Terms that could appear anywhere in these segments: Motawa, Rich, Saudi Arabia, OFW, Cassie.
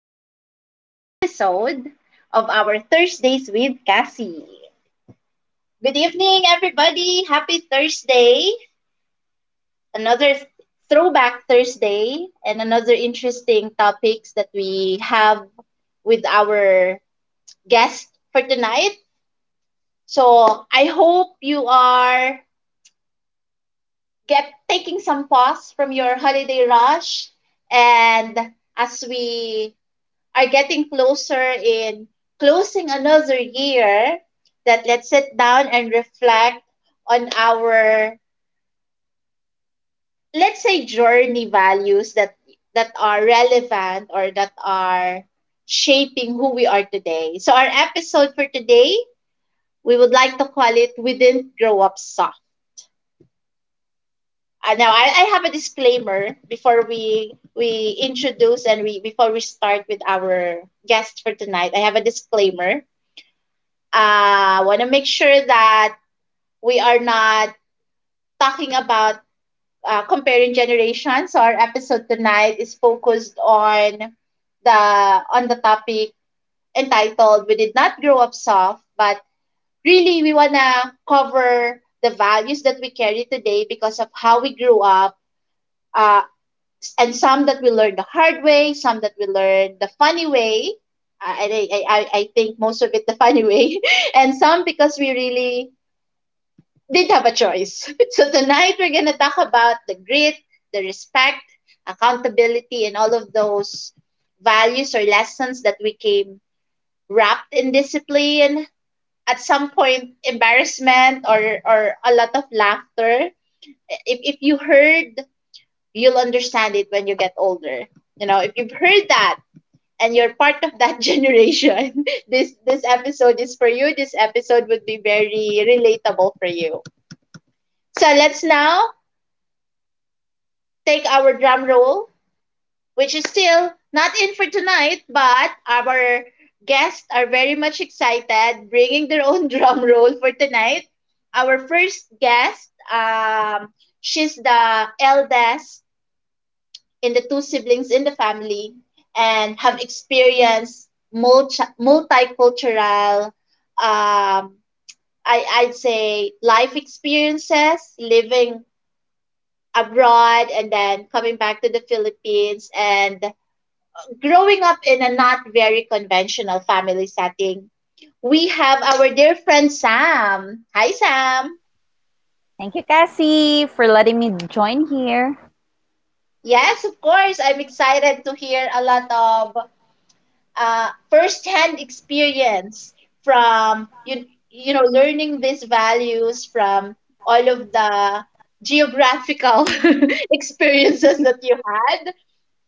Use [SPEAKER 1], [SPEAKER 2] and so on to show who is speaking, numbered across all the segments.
[SPEAKER 1] another episode of our Thursdays with Cassie. Good evening, everybody. Happy Thursday. Another throwback Thursday and another interesting topics that we have with our guest for tonight. So I hope you are get taking some pause from your holiday rush and as we are getting closer in closing another year that let's sit down and reflect on our, let's say, journey values that are relevant or that are shaping who we are today. So our episode for today, we would like to call it "We Didn't Grow Up Soft." Now I have a disclaimer before we introduce and we before we start with our guest for tonight. I have a disclaimer, want to make sure that we are not talking about, comparing generations. So our episode tonight is focused the on the topic entitled "We Did Not Grow Up Soft," but really we wanna cover the values that we carry today because of how we grew up, uh, and some that we learned the hard way, some that we learned the funny way. And I think most of it the funny way, and some because we really didn't have a choice. So tonight we're going to talk about the grit, the respect, accountability, and all of those values or lessons that we came wrapped in discipline. At some point, embarrassment or a lot of laughter. If you heard, you'll understand it when you get older. You know, if you've heard that and you're part of that generation, this episode is for you. This episode would be very relatable for you. So let's now take our drum roll, which is still not in for tonight, but our guests are very much excited, bringing their own drum roll for tonight. Our first guest, she's the eldest in the two siblings in the family and have experienced multicultural, I, I'd say, life experiences, living abroad and then coming back to the Philippines and growing up in a not very conventional family setting, we have our dear friend Sam. Hi, Sam.
[SPEAKER 2] Thank you, Cassie, for letting me join here.
[SPEAKER 1] Yes, of course. I'm excited to hear a lot of first-hand experience from you. You know, learning these values from all of the geographical experiences that you had,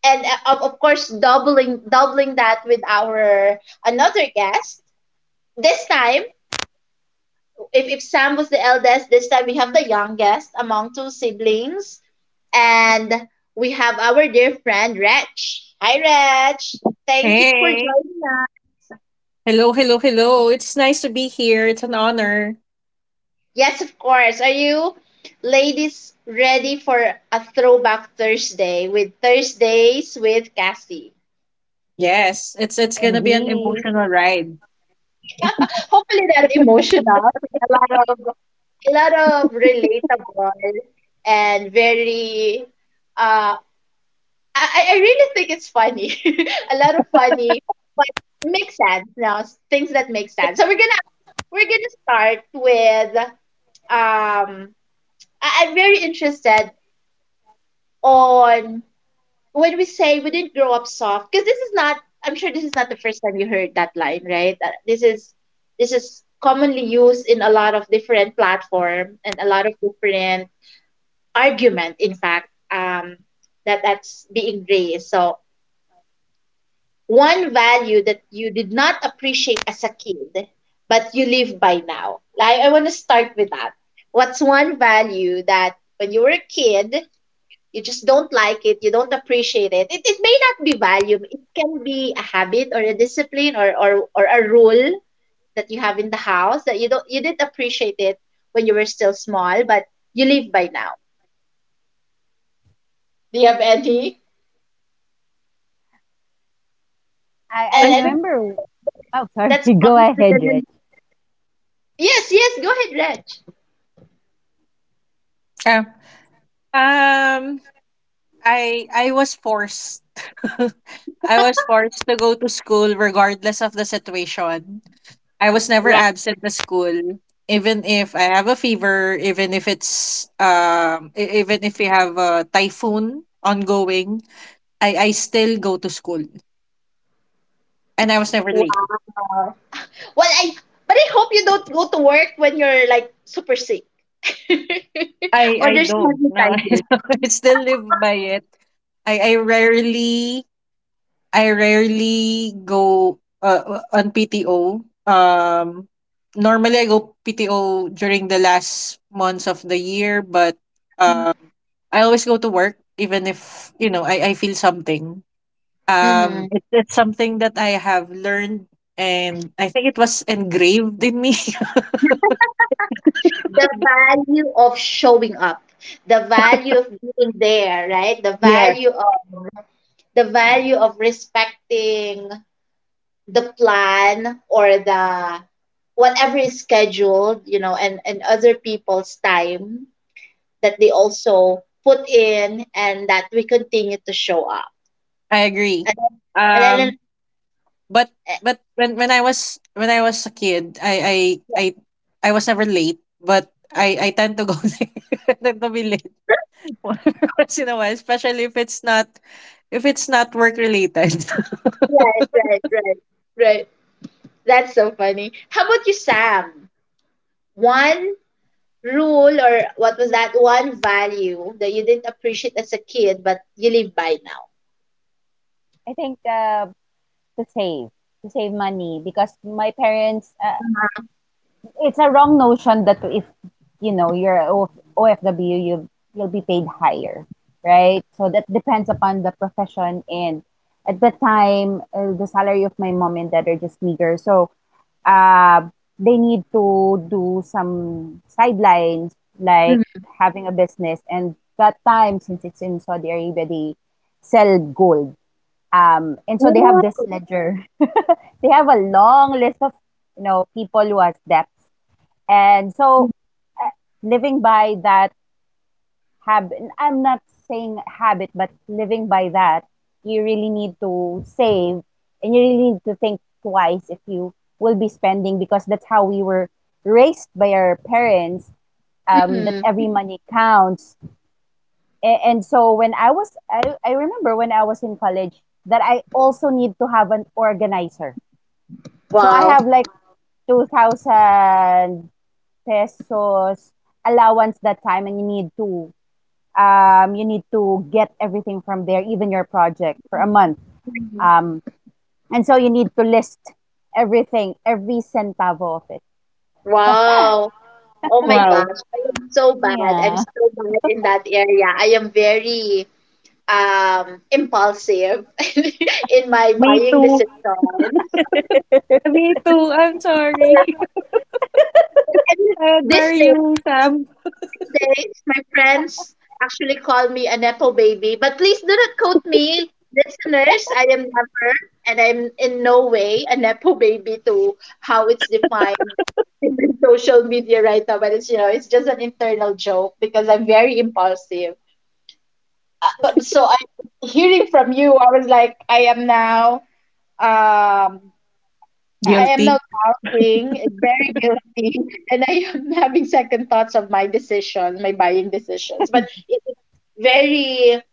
[SPEAKER 1] and of course, doubling that with our another guest. This time, if Sam was the eldest, this time we have the youngest among two siblings. And we have our dear friend, Rach. Hi, Rach. Thank you for
[SPEAKER 3] Hey.
[SPEAKER 1] joining us.
[SPEAKER 3] Hello, hello, hello. It's nice to be here. It's an honor.
[SPEAKER 1] Yes, of course. Are you ladies ready for a throwback Thursday with Thursdays with Cassie?
[SPEAKER 3] Yes, it's
[SPEAKER 1] Yes.
[SPEAKER 3] gonna be an
[SPEAKER 2] Indeed.
[SPEAKER 3] emotional ride.
[SPEAKER 1] Hopefully not emotional, but a lot of, a lot of relatable and very, uh, I really think it's funny. A lot of funny, but makes sense now. Things that make sense. So we're gonna start with um. I'm very interested on when we say we didn't grow up soft because this is not. I'm sure this is not the first time you heard that line, right? This is, this is commonly used in a lot of different platform and a lot of different argument. In fact, that's being raised. So one value that you did not appreciate as a kid, but you live by now? Like, I want to start with that. What's one value that when you were a kid, you just don't like it, you don't appreciate it? It may not be value, it can be a habit or a discipline or a rule that you have in the house that you don't, you didn't appreciate it when you were still small, but you live by now. Do you have any?
[SPEAKER 2] I
[SPEAKER 1] And,
[SPEAKER 3] I
[SPEAKER 1] and
[SPEAKER 3] think
[SPEAKER 2] remember.
[SPEAKER 1] that's
[SPEAKER 2] Oh, sorry.
[SPEAKER 1] that's
[SPEAKER 2] Go
[SPEAKER 1] obviously
[SPEAKER 2] ahead,
[SPEAKER 1] gonna...
[SPEAKER 2] Rich.
[SPEAKER 1] Yes, yes, go ahead,
[SPEAKER 3] uh, um I was forced. I was forced to go to school regardless of the situation. I was never
[SPEAKER 1] Reg.
[SPEAKER 3] absent at school. Even if I have a fever, even if we have a typhoon ongoing, I still go to school. And I was never late.
[SPEAKER 1] Wow. Well, I, but I hope you don't go to work when you're like super sick
[SPEAKER 3] I
[SPEAKER 1] or
[SPEAKER 3] I
[SPEAKER 1] there's
[SPEAKER 3] don't.
[SPEAKER 1] heavy
[SPEAKER 3] No,
[SPEAKER 1] typhoon.
[SPEAKER 3] I still live by it. I I rarely I rarely go on PTO. Normally I go PTO during the last months of the year, but
[SPEAKER 1] Mhm.
[SPEAKER 3] um, I always go to work even if I feel something. Um,
[SPEAKER 1] Mhm.
[SPEAKER 3] it's it's something that I have learned, and I think it was engraved in me.
[SPEAKER 1] The value of showing up, the value of being there, right? The
[SPEAKER 3] Yes,
[SPEAKER 1] value of, the value of respecting the plan or the, whatever is scheduled, you know, and other people's time that they also put in and that we continue to show up.
[SPEAKER 3] I agree.
[SPEAKER 1] And then, and then,
[SPEAKER 3] Um,
[SPEAKER 1] and-
[SPEAKER 3] But
[SPEAKER 1] eh,
[SPEAKER 3] but when I was a kid, I, I was never late, but I tend to go late. I tend to be late once in a while, especially if it's not work related.
[SPEAKER 1] right, right, right, right. That's so funny. How about you, Sam? One rule or what was that one value that you didn't appreciate as a kid but you live by now?
[SPEAKER 2] I think to save, to save money, because my parents,
[SPEAKER 1] Uh-huh.
[SPEAKER 2] it's a wrong notion that if you know you're a OFW, you you'll be paid higher, right? So that depends upon the profession and. At the time, the salary of my mom and dad are just meager. So, uh, they need to do some sidelines like
[SPEAKER 1] Mm-hmm.
[SPEAKER 2] having a business, and that time, since it's in Saudi Arabia, they sell gold, and so they have this
[SPEAKER 1] Oh.
[SPEAKER 2] ledger. They have a long list of people who has debts. And so, uh, living by that habit, I'm not saying habit, but living by that, you really need to save, and you really need to think twice if you will be spending, because that's how we were raised by our parents. That
[SPEAKER 1] Mm-hmm.
[SPEAKER 2] every money counts. And so when I was I remember when I was in college that I also need to have an organizer, so I
[SPEAKER 1] Wow.
[SPEAKER 2] have like 2,000 pesos allowance that time, and you need to get everything from there, even your project for a
[SPEAKER 1] Mhm.
[SPEAKER 2] month.
[SPEAKER 1] Mhm.
[SPEAKER 2] Um, and so you need to list everything, every centavo of it.
[SPEAKER 1] Wow. Oh my
[SPEAKER 3] Wow.
[SPEAKER 1] gosh. I am so bad. I'm
[SPEAKER 2] Yeah,
[SPEAKER 1] so bad in that area. I am very, impulsive in my
[SPEAKER 3] Me
[SPEAKER 1] buying
[SPEAKER 3] too.
[SPEAKER 1] decisions.
[SPEAKER 3] Me too. I'm sorry.
[SPEAKER 1] And
[SPEAKER 3] I
[SPEAKER 1] these
[SPEAKER 3] admire
[SPEAKER 1] days,
[SPEAKER 3] you, Sam.
[SPEAKER 1] these days, my friends actually call me a nepo baby. But please do not quote me, listeners. I am never, and I'm in no way a nepo baby to how it's defined in the social media right now. But it's, you know, it's just an internal joke because I'm very impulsive. Uh, but- So I, hearing from you, I was like, I am now... Um, I am
[SPEAKER 3] Guilty.
[SPEAKER 1] now doubting, very guilty, and I am having second thoughts of my decisions, my buying decisions. But it's very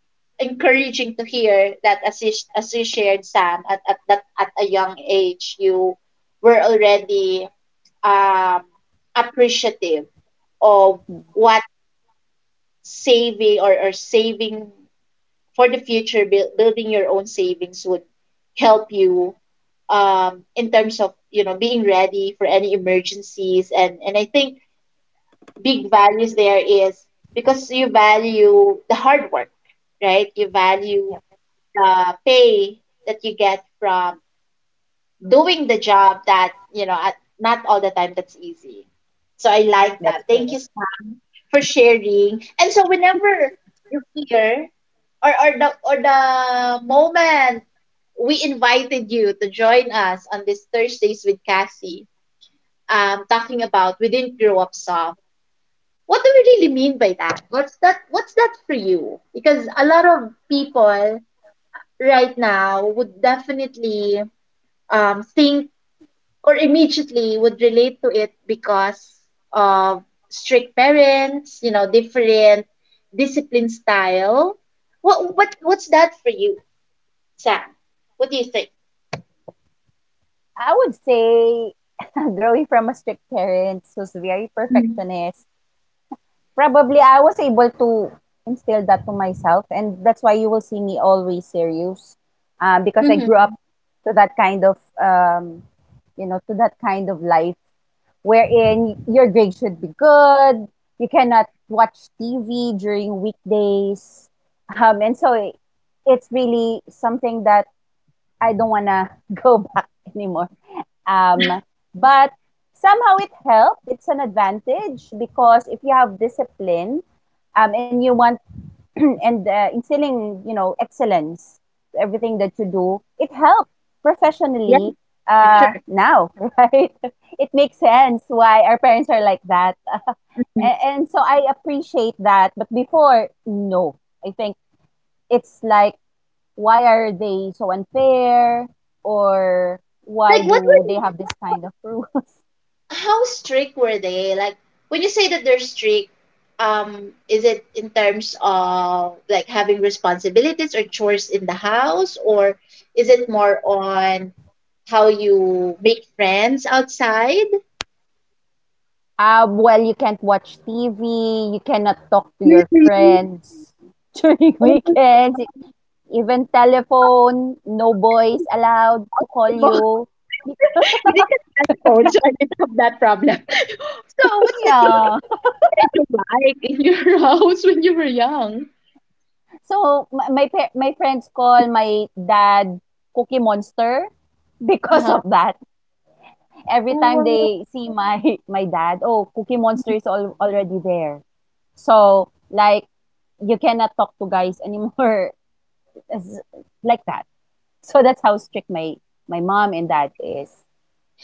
[SPEAKER 1] encouraging to hear that as you shared, Sam, at a young age, you were already, um, appreciative of what saving or saving for the future, building your own savings would help you, in terms of, you know, being ready for any emergencies, and I think big values there is because you value the hard work, right? You value
[SPEAKER 2] yep,
[SPEAKER 1] the pay that you get from doing the job that you know at, not all the time that's easy. So I like
[SPEAKER 2] that's
[SPEAKER 1] that. Thank
[SPEAKER 2] correct.
[SPEAKER 1] you, Sam, for sharing. And so whenever you fear or the moment we invited you to join us on this Thursdays with Cassie, talking about we didn't grow up soft, what do we really mean by that? What's that for you? Because a lot of people right now would definitely, think or immediately would relate to it because of strict parents, you know, different discipline style. What's that for you, Sam? What do you think?
[SPEAKER 2] I would say, growing from a strict parent who's very
[SPEAKER 1] Mhm.
[SPEAKER 2] perfectionist, probably I was able to instill that to myself. And that's why you will see me always serious, because I grew up
[SPEAKER 1] Mm-hmm.
[SPEAKER 2] to that kind of, you know, to that kind of life wherein your grade should be good. You cannot watch TV during weekdays. And so it's really something that I don't want to go back anymore. Um, but somehow it helped. It's an advantage, because if you have discipline, and you want and instilling, excellence to everything that you do, it helps
[SPEAKER 1] Yeah,
[SPEAKER 2] professionally
[SPEAKER 1] for sure.
[SPEAKER 2] now, right? It makes sense why our parents are like that. And,
[SPEAKER 1] Mhm.
[SPEAKER 2] and so I appreciate that. But before, no. I think it's like, why are they so unfair? Or why
[SPEAKER 1] Like what
[SPEAKER 2] do they
[SPEAKER 1] were
[SPEAKER 2] have this kind of rules?
[SPEAKER 1] how strict were they? Like when you say that they're strict, is it in terms of like having responsibilities or chores in the house, or is it more on how you make friends outside?
[SPEAKER 2] Well, you can't watch TV. You cannot talk to your
[SPEAKER 1] Really?
[SPEAKER 2] friends during
[SPEAKER 1] Oh my
[SPEAKER 2] weekends.
[SPEAKER 1] god.
[SPEAKER 2] Even
[SPEAKER 1] So
[SPEAKER 2] telephone, no
[SPEAKER 1] what's the
[SPEAKER 2] boys
[SPEAKER 1] TV?
[SPEAKER 2] allowed
[SPEAKER 1] Wow,
[SPEAKER 2] to call
[SPEAKER 1] telephone.
[SPEAKER 2] you. Bec-
[SPEAKER 1] We didn't have telephone, so I didn't have that problem. So, what's the
[SPEAKER 2] Yeah.
[SPEAKER 1] TV schedule like in your house when you were young?
[SPEAKER 2] So my friends call my dad Cookie Monster
[SPEAKER 1] Uh
[SPEAKER 2] because
[SPEAKER 1] huh.
[SPEAKER 2] of that. Every time
[SPEAKER 1] Wow.
[SPEAKER 2] they see my my dad, oh, Cookie Monster
[SPEAKER 1] Mm.
[SPEAKER 2] is already there. So like you cannot talk to guys anymore as- like that. So that's how strict my mom and dad is,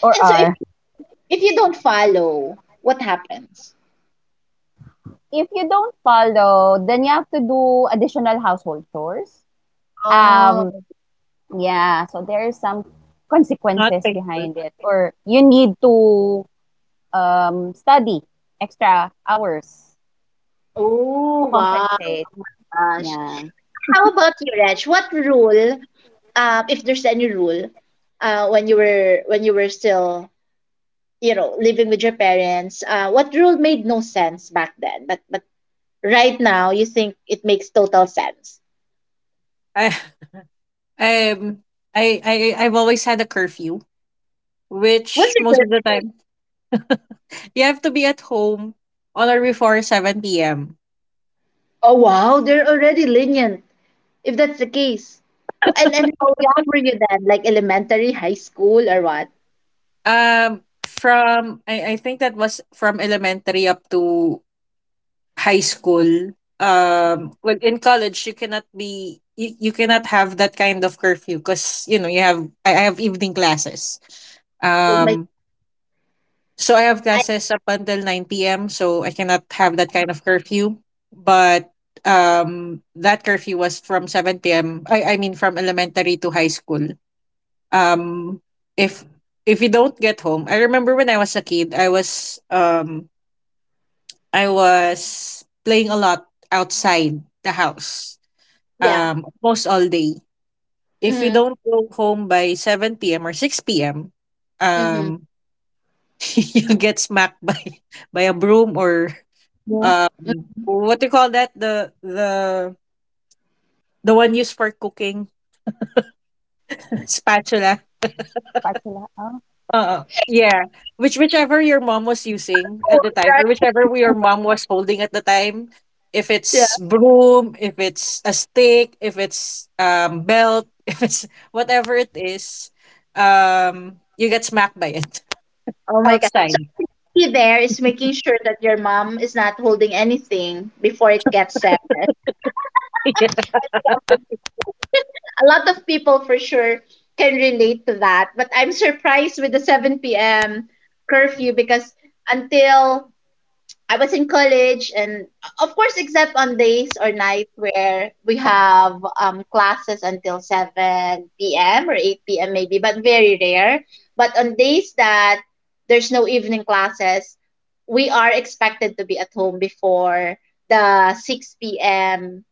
[SPEAKER 2] or
[SPEAKER 1] And so,
[SPEAKER 2] are.
[SPEAKER 1] if you don't follow, what happens?
[SPEAKER 2] If you don't follow, then you have to do additional household chores.
[SPEAKER 1] Oh.
[SPEAKER 2] Um, yeah, so there is some
[SPEAKER 3] Not
[SPEAKER 2] consequences
[SPEAKER 3] thankful.
[SPEAKER 2] behind it, or you need to study extra hours
[SPEAKER 1] Oh
[SPEAKER 2] to
[SPEAKER 1] wow.
[SPEAKER 2] compensate.
[SPEAKER 1] Oh my gosh.
[SPEAKER 2] Yeah,
[SPEAKER 1] How about you, Reg? What rule, if there's any rule, when you were still, you know, living with your parents, what rule made no sense back then, but right now you think it makes total sense?
[SPEAKER 3] I um I I've always had a curfew,
[SPEAKER 1] What's
[SPEAKER 3] which most
[SPEAKER 1] your
[SPEAKER 3] of the
[SPEAKER 1] curfew?
[SPEAKER 3] time you have to be at home on or before 7 p.m.
[SPEAKER 1] Oh wow, they're already lenient. If that's the case, and how young were you then? Like elementary, high school, or what?
[SPEAKER 3] I think that was from elementary up to high school.
[SPEAKER 1] Hmm.
[SPEAKER 3] Well, in college you cannot you cannot have that kind of curfew because I have evening classes.
[SPEAKER 1] Oh my
[SPEAKER 3] Um,
[SPEAKER 1] god,
[SPEAKER 3] so I have
[SPEAKER 1] I
[SPEAKER 3] classes up until 9 p.m. So I cannot have that kind
[SPEAKER 1] haven't.
[SPEAKER 3] of curfew. But that curfew was from 7 p.m. I mean from elementary to high school. Um if if you don't get home. I remember when I was a kid, I was playing a lot outside the house,
[SPEAKER 1] Yeah.
[SPEAKER 3] almost all day. If you
[SPEAKER 1] Mm-hmm.
[SPEAKER 3] don't go home by 7 p.m. or 6 p.m.,
[SPEAKER 1] Mm-hmm.
[SPEAKER 3] um you'll get smacked by by a broom, or
[SPEAKER 1] Yeah.
[SPEAKER 3] uh
[SPEAKER 1] Mm-hmm.
[SPEAKER 3] what do you call that, the one used for cooking? Spatula.
[SPEAKER 2] spatula
[SPEAKER 3] Yeah. Whichever your mom was
[SPEAKER 1] There are
[SPEAKER 3] using at the
[SPEAKER 1] tools.
[SPEAKER 3] time,
[SPEAKER 1] There
[SPEAKER 3] or
[SPEAKER 1] are
[SPEAKER 3] whichever
[SPEAKER 1] cooking
[SPEAKER 3] your
[SPEAKER 1] tools.
[SPEAKER 3] mom was holding at the time, if
[SPEAKER 1] Yeah.
[SPEAKER 3] it's broom, if it's a stick, if it's belt, if it's whatever it is, you get smacked by it
[SPEAKER 1] Oh my god. So I
[SPEAKER 3] outside.
[SPEAKER 1] think the key there is making sure that your mom is not holding anything before it gets severed.
[SPEAKER 3] Yeah.
[SPEAKER 1] I think that's the secret. A lot of people for sure can relate to that, but I'm surprised with the 7 p.m. curfew because until I was in college, and, of course, except on days or night where we have, classes until 7 p.m. or 8 p.m. maybe, but very rare. But on days that there's no evening classes, we are expected to be at home before the 6 p.m.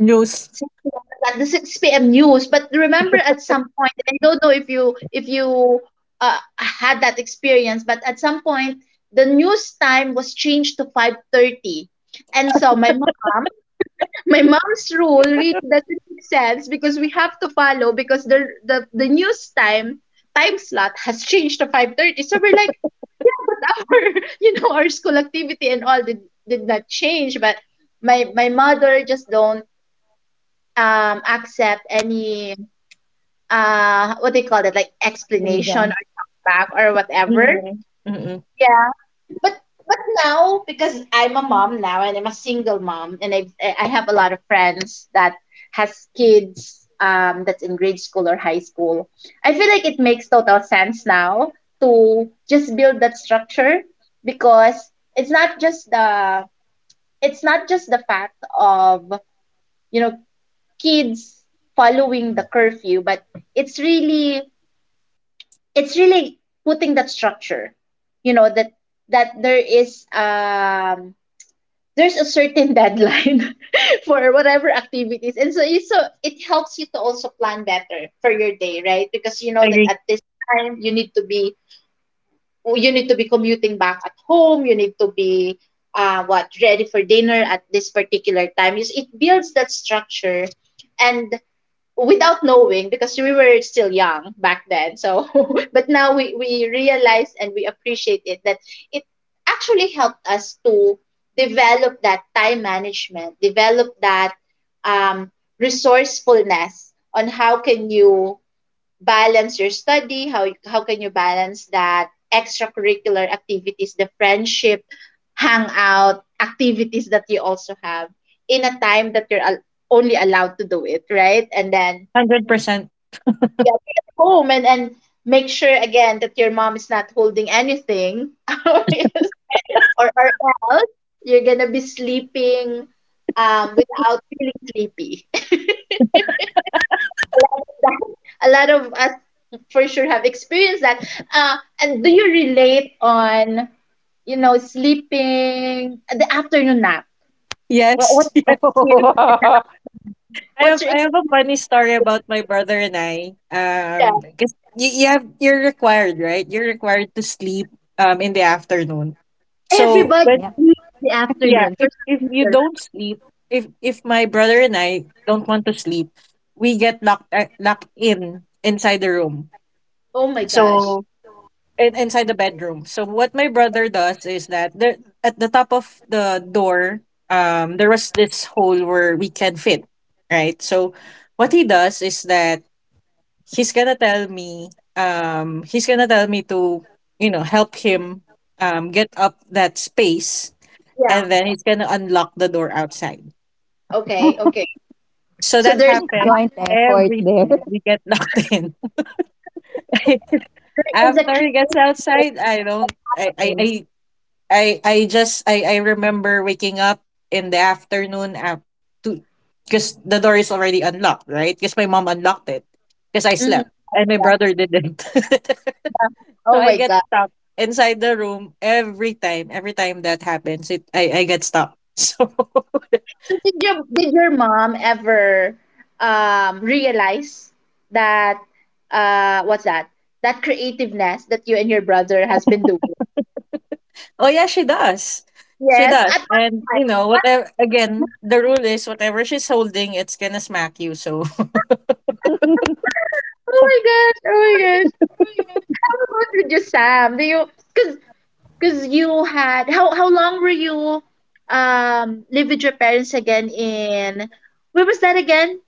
[SPEAKER 3] News.
[SPEAKER 1] 6 p.m., but at the 6 p.m. news. But remember at some point, and I don't know if you, had that experience, but at some point the news time was changed to 5:30. And so my mom, my mom's rule really doesn't make sense because we have to follow because the news time slot has changed to 5:30. So we're like, yeah, but our our school activity and all did not change, but my mother just don't accept any what they call that, like, explanation
[SPEAKER 2] reason.
[SPEAKER 1] or talk back or whatever.
[SPEAKER 3] Mm, mm.
[SPEAKER 1] Yeah, but but now, because I'm a mom now, and I'm a single mom, and I have a lot of friends that has kids that's in grade school or high school, I feel like it makes total sense now to just build that structure, because it's not just the it's not just the fact of you know kids following the curfew, but it's really it's really putting that structure. You know that that there is um there's a certain deadline for whatever activities, and so it helps you to also plan better for your day, right? Because you know that
[SPEAKER 3] Agree,
[SPEAKER 1] at this time you need to be commuting back at home. You need to be what ready for dinner at this particular time. Is it, builds that structure, and without knowing, because we were still young back then. So but now we realize and we appreciate it that it actually helped us to develop that time management, develop that um, resourcefulness on how can you balance your study, how can you balance that extracurricular activities, the friendship hangout activities that you also have in a time that you're only allowed to do it, right? And then,
[SPEAKER 3] 100%.
[SPEAKER 1] yeah, be at home, and make sure again that your mom is not holding anything, or else you're gonna be sleeping, without feeling sleepy. a lot of that a lot of for sure have experienced that. And do you relate on, sleeping, the afternoon nap? What's
[SPEAKER 3] Yes.
[SPEAKER 1] your experience in the afternoon?
[SPEAKER 3] I have
[SPEAKER 1] What's your
[SPEAKER 3] I have a
[SPEAKER 1] experience
[SPEAKER 3] funny
[SPEAKER 1] in the
[SPEAKER 3] story about
[SPEAKER 1] afternoon?
[SPEAKER 3] my brother and I.
[SPEAKER 1] Yeah,
[SPEAKER 3] Because you're required, right? You're required to sleep in the afternoon. So
[SPEAKER 1] everybody
[SPEAKER 3] but
[SPEAKER 2] Yep,
[SPEAKER 1] sleep in the
[SPEAKER 3] yeah,
[SPEAKER 1] afternoon for
[SPEAKER 3] if
[SPEAKER 1] some
[SPEAKER 3] if you
[SPEAKER 1] reason,
[SPEAKER 3] don't
[SPEAKER 1] right?
[SPEAKER 3] sleep, if my brother and I don't want to sleep, we get locked locked in inside the room.
[SPEAKER 1] Oh my gosh.
[SPEAKER 3] So inside the bedroom. So what my
[SPEAKER 1] Yeah.
[SPEAKER 3] brother
[SPEAKER 1] Yeah,
[SPEAKER 3] does is that, there at the top of the door,
[SPEAKER 1] yeah. Mhm.
[SPEAKER 3] there was this hole where we can fit, right? So what he does is that he's gonna tell me he's gonna tell me to, help him get up that space,
[SPEAKER 1] Yeah.
[SPEAKER 3] and then he's gonna unlock the door outside.
[SPEAKER 1] Okay. Okay.
[SPEAKER 3] So
[SPEAKER 1] So
[SPEAKER 3] that
[SPEAKER 1] there's
[SPEAKER 3] happened
[SPEAKER 1] that.
[SPEAKER 2] joint effort
[SPEAKER 3] every
[SPEAKER 1] There's
[SPEAKER 2] there.
[SPEAKER 3] time we
[SPEAKER 1] a,
[SPEAKER 3] get locked in.
[SPEAKER 1] there is a
[SPEAKER 3] After he gets
[SPEAKER 1] creative
[SPEAKER 3] outside,
[SPEAKER 1] way
[SPEAKER 3] I
[SPEAKER 1] that's
[SPEAKER 3] don't
[SPEAKER 1] happening.
[SPEAKER 3] I just I remember waking up in the afternoon, af- to because the door is already unlocked, right? Because my mom unlocked it because I
[SPEAKER 1] Hmm. Yeah.
[SPEAKER 3] slept and
[SPEAKER 1] Yeah.
[SPEAKER 3] my
[SPEAKER 1] Yeah.
[SPEAKER 3] brother didn't.
[SPEAKER 1] Yeah.
[SPEAKER 3] So
[SPEAKER 1] Oh
[SPEAKER 3] I
[SPEAKER 1] my
[SPEAKER 3] get
[SPEAKER 1] gosh.
[SPEAKER 3] stuck inside the room every time. Every time that happens, I get stuck. So.
[SPEAKER 1] So did your mom ever realize that, what's that? That creativeness that you and your brother has been doing?
[SPEAKER 3] Oh yeah, she does. She
[SPEAKER 1] Yes,
[SPEAKER 3] does.
[SPEAKER 1] at one
[SPEAKER 3] And,
[SPEAKER 1] time. At one
[SPEAKER 3] whatever again,
[SPEAKER 1] point.
[SPEAKER 3] the rule is whatever she's holding, it's gonna smack you. So.
[SPEAKER 1] Oh my gosh! Oh my gosh! How about with you, Sam? Do you, because because you had, how long were you live with your parents again in, where was that again?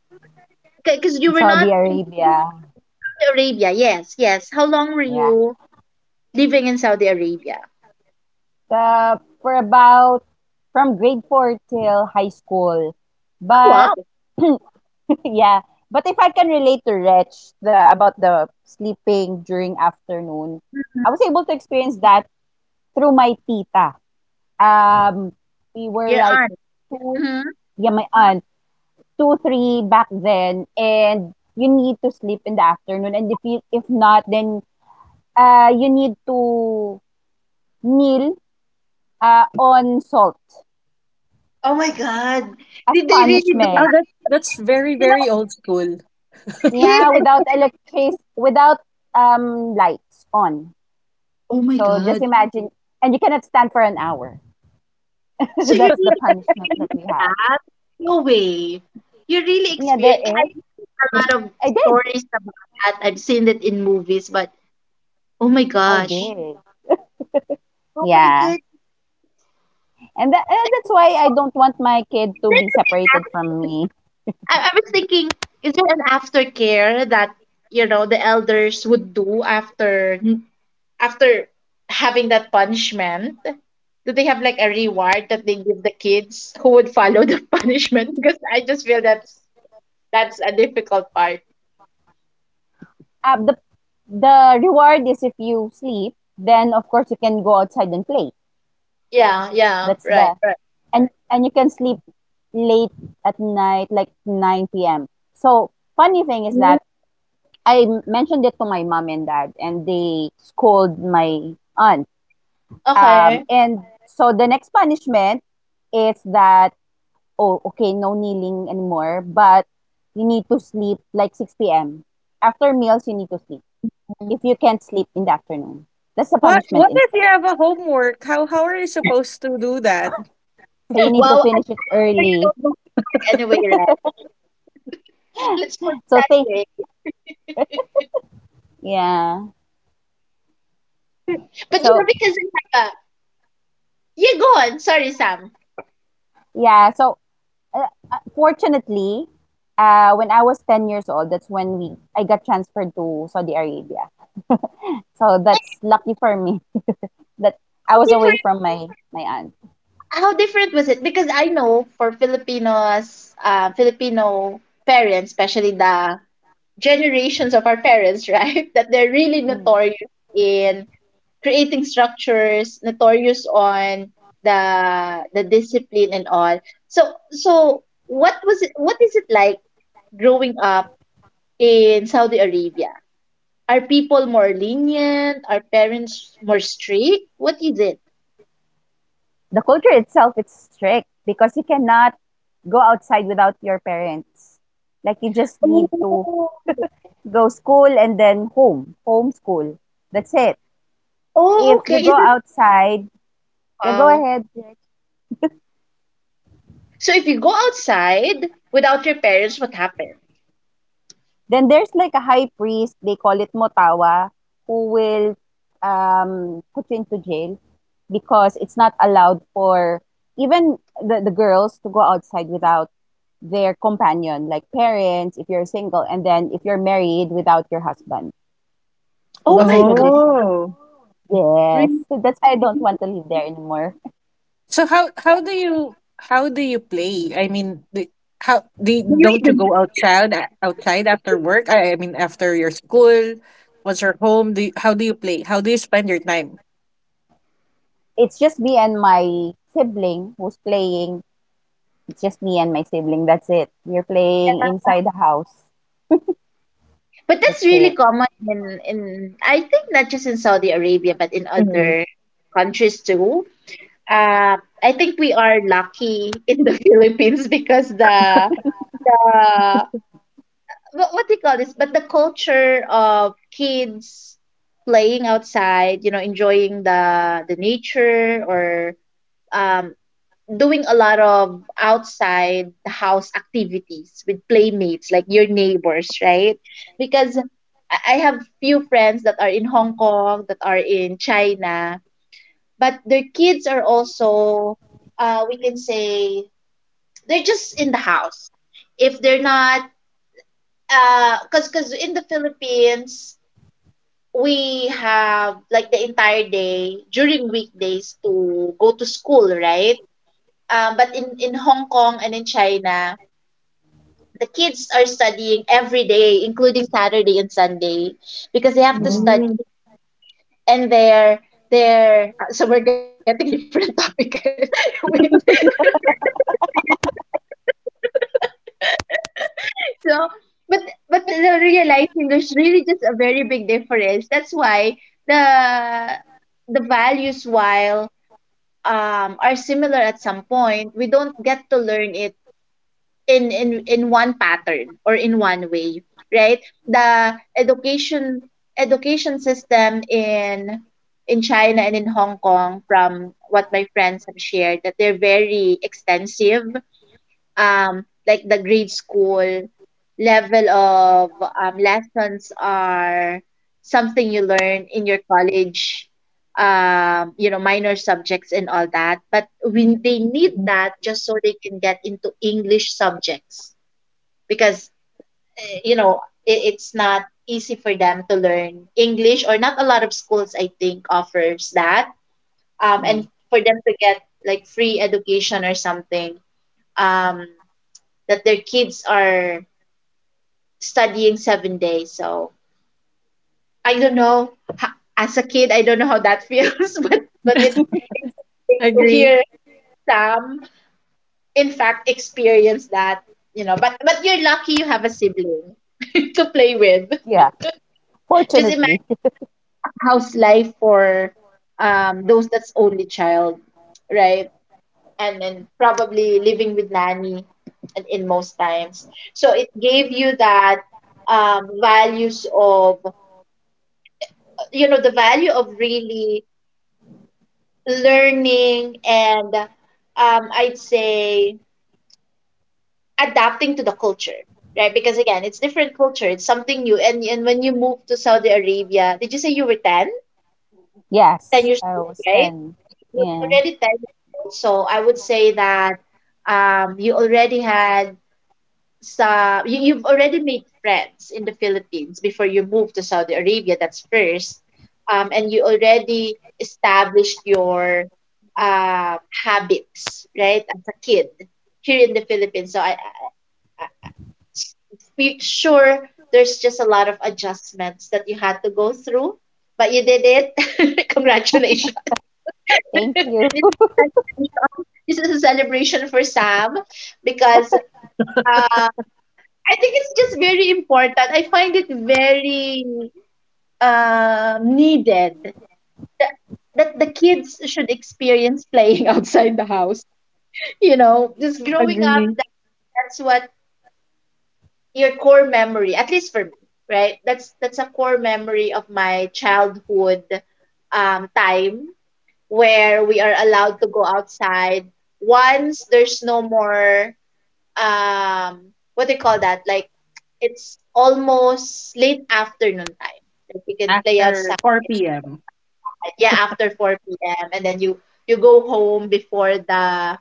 [SPEAKER 1] Because you were
[SPEAKER 2] Saudi
[SPEAKER 1] not in
[SPEAKER 2] Arabia.
[SPEAKER 1] the Philippines, Saudi Arabia. Yes, yes. How long were
[SPEAKER 2] Yeah,
[SPEAKER 1] you living in Saudi Arabia?
[SPEAKER 2] uh, for about from grade four till high school,
[SPEAKER 1] Oh wow.
[SPEAKER 2] but yeah. But if I can relate to Rich the about the sleeping during afternoon, I
[SPEAKER 1] Mm-hmm.
[SPEAKER 2] was able to experience that through my tita. Um, we were
[SPEAKER 1] Your
[SPEAKER 2] like
[SPEAKER 1] aunt.
[SPEAKER 2] two,
[SPEAKER 1] Mm-hmm.
[SPEAKER 2] yeah, my aunt, two, three back then, and you need to sleep in the afternoon. And if not, then you need to kneel on salt
[SPEAKER 1] Oh my god.
[SPEAKER 2] as
[SPEAKER 1] Did they really do
[SPEAKER 3] Oh,
[SPEAKER 2] punishment.
[SPEAKER 3] that
[SPEAKER 1] that?
[SPEAKER 3] that's very,
[SPEAKER 1] You know,
[SPEAKER 3] very old school.
[SPEAKER 1] yes,
[SPEAKER 2] Yeah,
[SPEAKER 1] I did
[SPEAKER 2] without
[SPEAKER 1] hear that.
[SPEAKER 2] electric, without lights on.
[SPEAKER 1] Oh my
[SPEAKER 2] So just
[SPEAKER 1] god.
[SPEAKER 2] imagine, and you cannot stand for an hour.
[SPEAKER 1] So you
[SPEAKER 2] That's the
[SPEAKER 1] really
[SPEAKER 2] punishment that we
[SPEAKER 1] experienced
[SPEAKER 2] have.
[SPEAKER 1] that? No way. You really
[SPEAKER 2] Yeah, there
[SPEAKER 1] experienced, I've
[SPEAKER 2] is.
[SPEAKER 1] heard a lot of
[SPEAKER 2] I did.
[SPEAKER 1] stories about that. I've seen it in movies, but oh my
[SPEAKER 2] I
[SPEAKER 1] gosh.
[SPEAKER 2] did.
[SPEAKER 1] Oh my
[SPEAKER 2] Yeah.
[SPEAKER 1] goodness.
[SPEAKER 2] And that, and
[SPEAKER 1] And then
[SPEAKER 2] that's why I don't want my kid to be
[SPEAKER 1] look at
[SPEAKER 2] separated from
[SPEAKER 1] that.
[SPEAKER 2] me.
[SPEAKER 1] I was thinking, is there an aftercare that, the elders would do after, after having that punishment? Do they have like a reward that they give the kids who would follow the punishment? Because I just feel that's, a difficult part.
[SPEAKER 2] Uh, the, the reward is, if you sleep, then of course you can go outside and play.
[SPEAKER 1] Yeah, yeah,
[SPEAKER 2] That's
[SPEAKER 1] right,
[SPEAKER 2] the,
[SPEAKER 1] right.
[SPEAKER 2] and you can sleep late at night, like 9 p.m. So, funny thing is that
[SPEAKER 1] Mm,
[SPEAKER 2] I mentioned it to my mom and dad, and they scold my aunt. Um,
[SPEAKER 1] okay.
[SPEAKER 2] and so the next punishment is that, oh, okay, no kneeling anymore, but you need to sleep like 6 p.m. After meals, you need to sleep if you
[SPEAKER 1] Mhm.
[SPEAKER 2] can't sleep in the afternoon. That's the
[SPEAKER 3] What
[SPEAKER 2] punishment
[SPEAKER 3] what if you
[SPEAKER 2] instead.
[SPEAKER 3] have a homework? How are you supposed to do that?
[SPEAKER 2] So you need to
[SPEAKER 1] Wow,
[SPEAKER 2] finish it
[SPEAKER 1] I'm sure you
[SPEAKER 2] early.
[SPEAKER 1] don't do homework anyway, right? Let's put it
[SPEAKER 2] So
[SPEAKER 1] that
[SPEAKER 2] think,
[SPEAKER 1] way.
[SPEAKER 2] yeah.
[SPEAKER 1] But you
[SPEAKER 2] So,
[SPEAKER 1] know, because I have a, yeah, go on. Sorry, Sam.
[SPEAKER 2] yeah. So, fortunately, when I was 10 years old, that's when we I got transferred to Saudi Arabia. So
[SPEAKER 1] I
[SPEAKER 2] that's
[SPEAKER 1] have.
[SPEAKER 2] lucky for me that
[SPEAKER 1] How
[SPEAKER 2] I was away
[SPEAKER 1] different
[SPEAKER 2] from
[SPEAKER 1] was
[SPEAKER 2] my,
[SPEAKER 1] it?
[SPEAKER 2] my aunt.
[SPEAKER 1] How different was it? Because I know for Filipinos, Filipino parents, especially the generations of our parents, right, that they're really
[SPEAKER 2] Mm.
[SPEAKER 1] notorious in creating structures, notorious on the the discipline and all. So what was it? What is it like growing up in Saudi Arabia? Are people more lenient? Are parents more strict? What is it?
[SPEAKER 2] The culture itself, it's strict, because you cannot go outside without your parents. Like, you just need to
[SPEAKER 1] Oh.
[SPEAKER 2] go school, and then home, home school. That's it.
[SPEAKER 1] Oh,
[SPEAKER 2] If
[SPEAKER 1] okay.
[SPEAKER 2] you go
[SPEAKER 1] Is it?
[SPEAKER 2] outside,
[SPEAKER 1] Mm.
[SPEAKER 2] yeah, go
[SPEAKER 1] Wow.
[SPEAKER 2] ahead. Yeah.
[SPEAKER 1] So if you go outside without your parents, what happens?
[SPEAKER 2] Then there's like a high priest, they call it Motawa, who will put you into jail, because it's not allowed for even the girls to go outside
[SPEAKER 1] Huh?
[SPEAKER 2] without their companion, like parents, if you're single, and then if you're married, without your husband. So
[SPEAKER 1] Oh
[SPEAKER 2] that's
[SPEAKER 1] my
[SPEAKER 2] a tradition.
[SPEAKER 1] God.
[SPEAKER 3] Oh.
[SPEAKER 2] Yes.
[SPEAKER 1] Really?
[SPEAKER 2] So that's why I don't want to live there anymore.
[SPEAKER 3] So how how
[SPEAKER 2] Yeah.
[SPEAKER 3] do you how do you play? I mean, how do
[SPEAKER 1] Do you
[SPEAKER 3] don't you
[SPEAKER 1] even
[SPEAKER 3] go
[SPEAKER 1] play?
[SPEAKER 3] outside outside after work? I mean, after your school, once you're home, how do you play? How do you spend your time?
[SPEAKER 2] It's just me and my sibling who's playing. It's just me and my sibling. That's it. We're
[SPEAKER 1] Yeah.
[SPEAKER 2] playing inside the house.
[SPEAKER 1] But that's
[SPEAKER 2] That's
[SPEAKER 1] really
[SPEAKER 2] it.
[SPEAKER 1] common in, I think, not just in Saudi Arabia, but in
[SPEAKER 3] Mm-hmm.
[SPEAKER 1] other countries too. I think we are lucky in the Philippines because the, what do you call this? But the culture of kids playing outside, enjoying the nature, or um, doing a lot of outside the house activities with playmates, like your neighbors, right? Because I have few friends that are in Hong Kong, that are in China, but their kids are also, we can say, they're just in the house if they're not, cause in the Philippines we have like the entire day during weekdays to go to school, right? But in Hong Kong and in China, the kids are studying every day, including Saturday and Sunday, because they have to study
[SPEAKER 3] Mm.
[SPEAKER 1] English and their. So we're getting into a different topic again. Wait, so, but but the realizing there's really just a very big difference. That's why the the values, while are similar at some point, we don't get to learn it in one pattern, or in one way, right? The education system in China and in Hong Kong, from what my friends have shared, that they're very extensive, like the grade school level of lessons are something you learn in your college, minor subjects and all that, but we they need that just so they can get into English subjects, because it's not easy for them to learn English, or not a lot of schools, I think, offers that,
[SPEAKER 2] Mm.
[SPEAKER 1] and for them to get like free education or something, um that their kids are studying 7 days. So I don't know. As a kid, I don't know how that feels, but it's interesting to
[SPEAKER 3] Agree.
[SPEAKER 1] hear Sam, in fact, experience that. But you're lucky you have a sibling to play with.
[SPEAKER 2] Yeah.
[SPEAKER 1] Just
[SPEAKER 2] Fortunately,
[SPEAKER 1] imagine house life for, those that's only child, right? And then probably living with nanny, and in most times. So it gave you that, values of, the value of really learning, and I'd say, adapting to the culture, right? Because again, it's different culture, it's something new. And when you moved to Saudi Arabia, did you say you were 10
[SPEAKER 2] yes.
[SPEAKER 1] years
[SPEAKER 2] I
[SPEAKER 1] old,
[SPEAKER 2] was
[SPEAKER 1] right?
[SPEAKER 2] 10.
[SPEAKER 1] So you were
[SPEAKER 2] Yeah.
[SPEAKER 1] already 10 years old, so I would say that, you already had, you've already made friends in the Philippines before you move to Saudi Arabia. That's first, and you already established your, habits, right, as a kid here in the Philippines. So I s- sure there's just a lot of adjustments that you had to go through, but you did it. Congratulations.
[SPEAKER 2] Thank
[SPEAKER 1] This
[SPEAKER 2] you.
[SPEAKER 1] is a celebration. This is a celebration for Sam because, uh, I think it's just very important. I find it very, needed that the kids should experience playing outside the house. You know, just growing up,
[SPEAKER 3] Agree.
[SPEAKER 1] that that's what your core memory, at least for me, right? That's a core memory of my childhood, time, where we are allowed to go outside once there's no more, um what do you call that? Like, it's almost late afternoon time. Like you can play
[SPEAKER 3] After
[SPEAKER 1] outside, make
[SPEAKER 3] 4 p.m.
[SPEAKER 1] fun night. Yeah, after 4 p.m., and then you go home before the,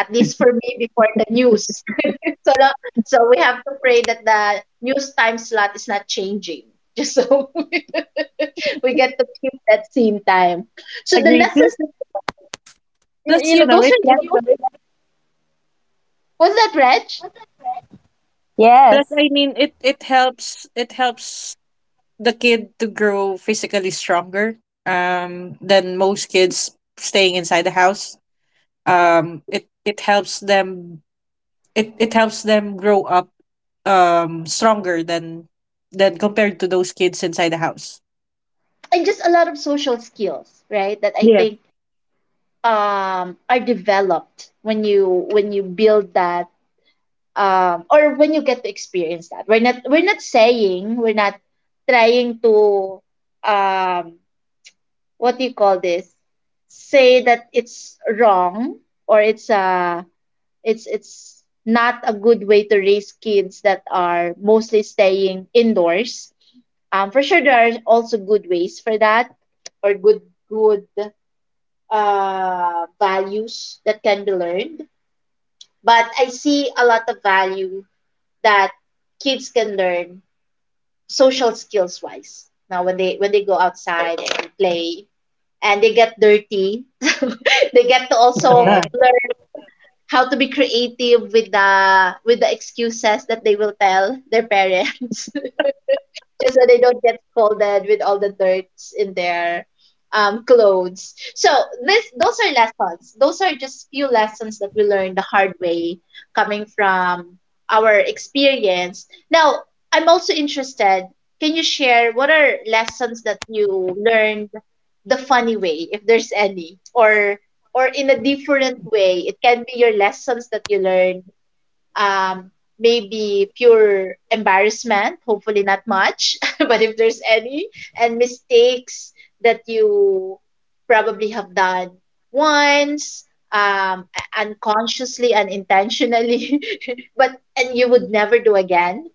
[SPEAKER 1] at least for me, before the news. so the, so we have to pray that the news time slot is not changing. Just so we get to keep that same time. So the
[SPEAKER 3] Agree.
[SPEAKER 1] lessons that we learned,
[SPEAKER 3] Plus you know
[SPEAKER 1] those
[SPEAKER 3] it
[SPEAKER 1] are
[SPEAKER 3] it
[SPEAKER 1] lessons. Was that Reg?
[SPEAKER 3] plus,
[SPEAKER 2] Yes,
[SPEAKER 3] I mean it helps the kid to grow physically stronger, than most
[SPEAKER 1] Mm-hmm.
[SPEAKER 3] kids staying inside the house. It helps them, it helps them grow up, stronger than compared to those kids inside the house.
[SPEAKER 1] And just a lot of social skills, right? That I
[SPEAKER 3] Yes.
[SPEAKER 1] think, are developed when you build that, or when you get to experience that. We're not, saying we're not trying to, um, what do you call this? Say that it's wrong, or it's not a good way to raise kids that are mostly staying indoors. For sure, there are also good ways for that, or good, values that can be learned, but I see a lot of value that kids can learn social skills wise. Now when they go outside and play, and they get dirty, they get to also
[SPEAKER 3] Uh-huh.
[SPEAKER 2] correct.
[SPEAKER 1] learn how to be creative with the excuses that they will tell their parents. just so they don't get scolded with all the dirts in their, clothes. So this those are lessons. Those are just few lessons that we learned the hard way, coming from our experience. Now, I'm also interested. Can you share what are lessons that you learned the funny way, if there's any, or, in a different way? It can be your lessons that you learned, um, maybe pure embarrassment, hopefully not much, but if there's any, and mistakes that you probably have done once, um, unconsciously, unintentionally, but and you would never do again,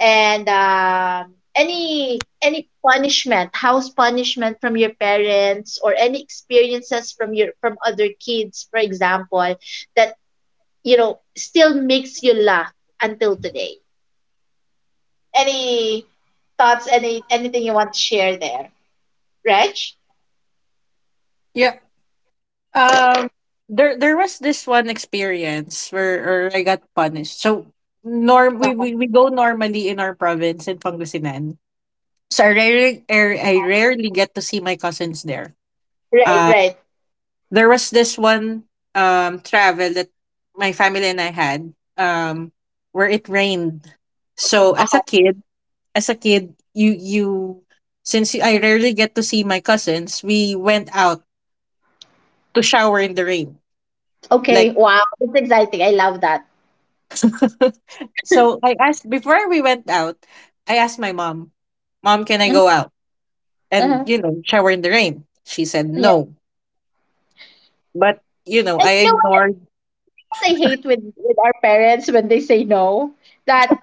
[SPEAKER 1] and, any punishment, house punishment from your parents, or any experiences from your from other kids, for example, that, still makes you laugh until today. Any thoughts, anything you want to share there? Reg?
[SPEAKER 3] Yeah. Um there was this one experience where I got punished. So we go normally in our province in Pangasinan. So I
[SPEAKER 1] Yeah.
[SPEAKER 3] rarely get to see my cousins there.
[SPEAKER 1] Right,
[SPEAKER 3] Uh,
[SPEAKER 1] right.
[SPEAKER 3] There was this one travel that my family and I had, um where it rained. So
[SPEAKER 1] Okay.
[SPEAKER 3] as a kid, you since I rarely get to see my cousins, we went out
[SPEAKER 1] Mhm.
[SPEAKER 3] to shower in the rain.
[SPEAKER 1] Okay,
[SPEAKER 3] Like.
[SPEAKER 1] wow, that's exciting. I love that.
[SPEAKER 3] So I asked before we went out, I asked my mom, "Mom, can I go
[SPEAKER 1] Uh-huh.
[SPEAKER 3] out and,
[SPEAKER 1] Uh-huh.
[SPEAKER 3] shower in the rain?" She said
[SPEAKER 1] Yeah.
[SPEAKER 3] no. But, I
[SPEAKER 1] And you know what I
[SPEAKER 3] ignored.
[SPEAKER 1] hate? You know what I hate with our parents when they say no? That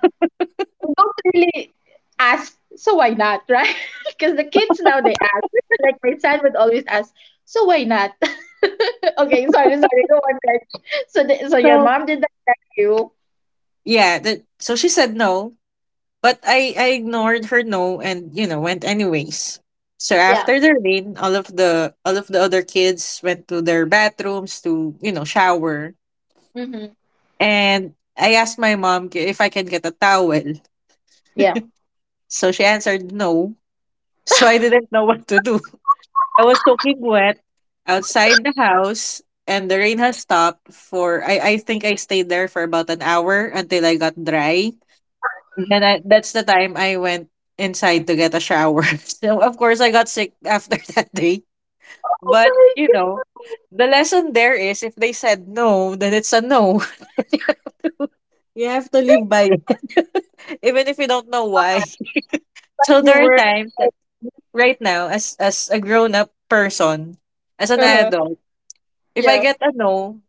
[SPEAKER 1] we don't really ask, so why not, right? Because the kids now they ask. Like my son would always ask, so why not? Okay, sorry, go on, right? So your
[SPEAKER 3] So,
[SPEAKER 1] mom did that, that you?
[SPEAKER 3] yeah, that so she said no. But I ignored her no and went anyways. So
[SPEAKER 1] Yeah.
[SPEAKER 3] after the rain, all of the other kids went to their bathrooms to, shower,
[SPEAKER 1] Mm-hmm.
[SPEAKER 3] and I asked my mom, if I can get a towel.
[SPEAKER 1] Yeah.
[SPEAKER 3] So she answered no. So I didn't know what to do. I was soaking wet outside the house, and the rain has stopped. For, I think, I stayed there for about an hour until I got dry. Then, that's the time I went inside to get a shower. So of course I got sick after that day. But,
[SPEAKER 1] Oh my
[SPEAKER 3] the
[SPEAKER 1] gosh!
[SPEAKER 3] lesson there is if they said no, then it's a no. you have to you have to live by it. Even if you don't know why.
[SPEAKER 1] But but
[SPEAKER 3] So
[SPEAKER 1] you
[SPEAKER 3] there are
[SPEAKER 1] were
[SPEAKER 3] times that
[SPEAKER 1] very.
[SPEAKER 3] right now, as a grown up person, as an
[SPEAKER 1] Uh huh.
[SPEAKER 3] adult, if I
[SPEAKER 1] Yeah.
[SPEAKER 3] get a no,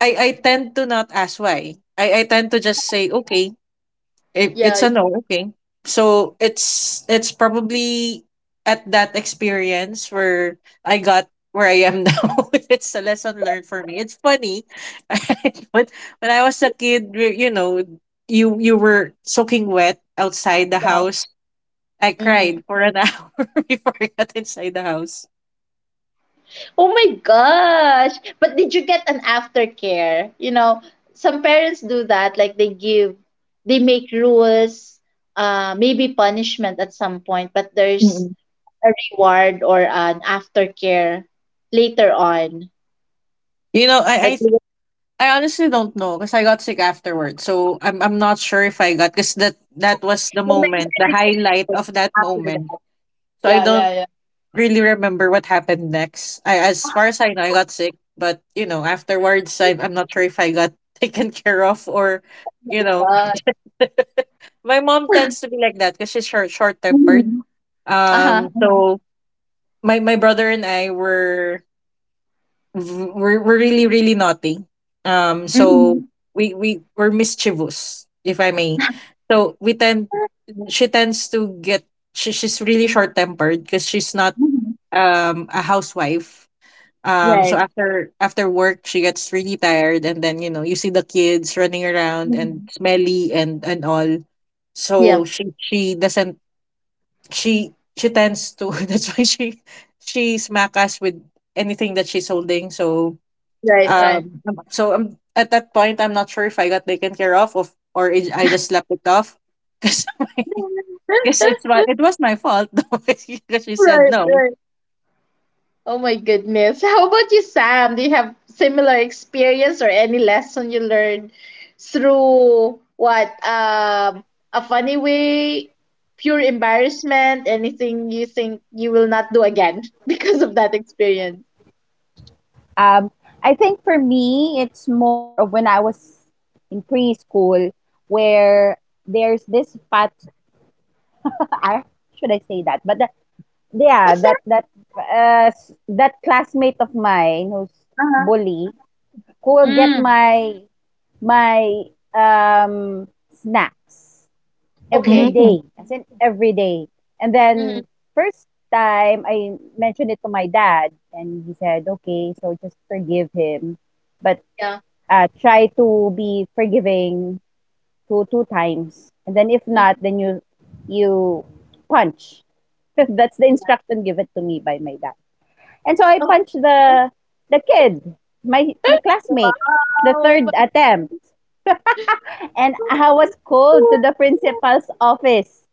[SPEAKER 3] I tend to not ask why. I tend to just
[SPEAKER 1] Uh-huh.
[SPEAKER 3] say, okay. It,
[SPEAKER 1] Yeah.
[SPEAKER 3] it's a
[SPEAKER 1] Yeah.
[SPEAKER 3] no. Okay. So it's probably at that experience where I got where I am now. It's a lesson learned for me. It's funny, but when I was a kid, you were soaking wet outside the
[SPEAKER 1] Yeah.
[SPEAKER 3] house.
[SPEAKER 1] Mm-hmm.
[SPEAKER 3] I
[SPEAKER 1] Mm-hmm.
[SPEAKER 3] cried for an hour before I got inside the house.
[SPEAKER 1] Oh my gosh! But did you get an aftercare? You know, some parents do that. Like they give, they make rules, maybe punishment at some point, but there's
[SPEAKER 3] Mm-mm.
[SPEAKER 1] a reward or an aftercare later on.
[SPEAKER 3] You know, I I
[SPEAKER 1] Like they would-
[SPEAKER 3] I honestly don't know because I got sick afterward. So I'm not sure if I got, because that was the
[SPEAKER 1] the
[SPEAKER 3] moment,
[SPEAKER 1] memory
[SPEAKER 3] the
[SPEAKER 1] became
[SPEAKER 3] highlight of
[SPEAKER 1] blurred
[SPEAKER 3] that
[SPEAKER 1] after
[SPEAKER 3] moment.
[SPEAKER 1] that.
[SPEAKER 3] So I
[SPEAKER 1] Yeah,
[SPEAKER 3] don't
[SPEAKER 1] yeah, yeah.
[SPEAKER 3] really remember what happened next. I As far as I know, I got sick, but, afterwards I'm not sure if I got taken care of or
[SPEAKER 1] Oh
[SPEAKER 3] you
[SPEAKER 1] my
[SPEAKER 3] know.
[SPEAKER 1] God.
[SPEAKER 3] My mom tends to be like that because she's short tempered.
[SPEAKER 1] Hmm. Uh-huh.
[SPEAKER 3] Um
[SPEAKER 1] Uh-huh.
[SPEAKER 3] so my my brother and I were were really really naughty. Um so
[SPEAKER 1] Mm-hmm.
[SPEAKER 3] we we were mischievous, if I may. So we tend she tends to get. She's really short tempered because she's not
[SPEAKER 1] Mm-hmm.
[SPEAKER 3] a housewife. um so
[SPEAKER 1] Right.
[SPEAKER 3] after after work she gets really tired, and then you see the kids running around and
[SPEAKER 1] Mhm.
[SPEAKER 3] smelly, and all. So
[SPEAKER 1] Yeah.
[SPEAKER 3] she doesn't she tends to. That's why she smack us with anything that she's holding. So
[SPEAKER 1] Right. Right.
[SPEAKER 3] at that point, I'm not sure if I got taken care of or I just slept it off. Because, it was my fault though, because she said
[SPEAKER 1] Right.
[SPEAKER 3] no.
[SPEAKER 1] Right. Oh my goodness. How about you, Sam? Do you have similar experience or any lesson you learned through what a funny way, pure embarrassment, anything you think you will not do again because of that experience?
[SPEAKER 2] Um, I think for me, it's more of when I was in preschool, where there's this fat. I should I say that? But that, yeah,
[SPEAKER 1] What's
[SPEAKER 2] that
[SPEAKER 1] that?
[SPEAKER 2] that uh, s- that classmate of mine who's
[SPEAKER 1] Uh-huh.
[SPEAKER 2] bully, who will get
[SPEAKER 1] Mm.
[SPEAKER 2] my snacks. Every
[SPEAKER 1] Okay.
[SPEAKER 2] day, as in every day. And
[SPEAKER 1] Mm-hmm.
[SPEAKER 2] then, first time I mentioned it to my dad, and he said, "Okay, so just forgive him, but
[SPEAKER 1] Yeah.
[SPEAKER 2] try to be forgiving two times, and then if not,
[SPEAKER 1] Mm.
[SPEAKER 2] then you punch." That's the instruction given to me by my dad. And so I
[SPEAKER 1] Oh,
[SPEAKER 2] punched the kid, my classmate,
[SPEAKER 1] wow.
[SPEAKER 2] the
[SPEAKER 1] Oh
[SPEAKER 2] third
[SPEAKER 1] my
[SPEAKER 2] attempt,
[SPEAKER 1] goodness.
[SPEAKER 2] and
[SPEAKER 1] Oh
[SPEAKER 2] I
[SPEAKER 1] my
[SPEAKER 2] was called to the
[SPEAKER 1] goodness.
[SPEAKER 2] principal's office.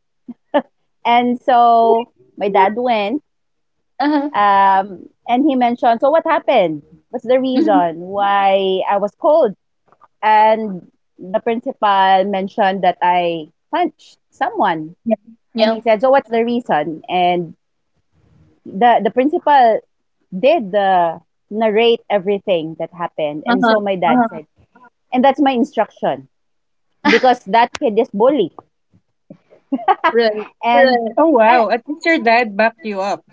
[SPEAKER 2] And
[SPEAKER 1] Oh my
[SPEAKER 2] so my dad
[SPEAKER 1] goodness.
[SPEAKER 2] went,
[SPEAKER 1] Uh-huh.
[SPEAKER 2] and he mentioned, so what happened? What's the
[SPEAKER 1] Mhm.
[SPEAKER 2] reason why I was cold? And the principal mentioned that I punched someone.
[SPEAKER 1] Yeah.
[SPEAKER 2] And
[SPEAKER 1] Yeah.
[SPEAKER 2] he said, so what's the reason? And the principal did the narrate everything that happened. And
[SPEAKER 1] Uh-huh.
[SPEAKER 2] so my dad
[SPEAKER 1] Uh-huh.
[SPEAKER 2] said, and that's my instruction, because that kid is bully.
[SPEAKER 1] Right,
[SPEAKER 2] And,
[SPEAKER 1] right.
[SPEAKER 3] Oh
[SPEAKER 2] and
[SPEAKER 3] wow, at least your dad backed you up.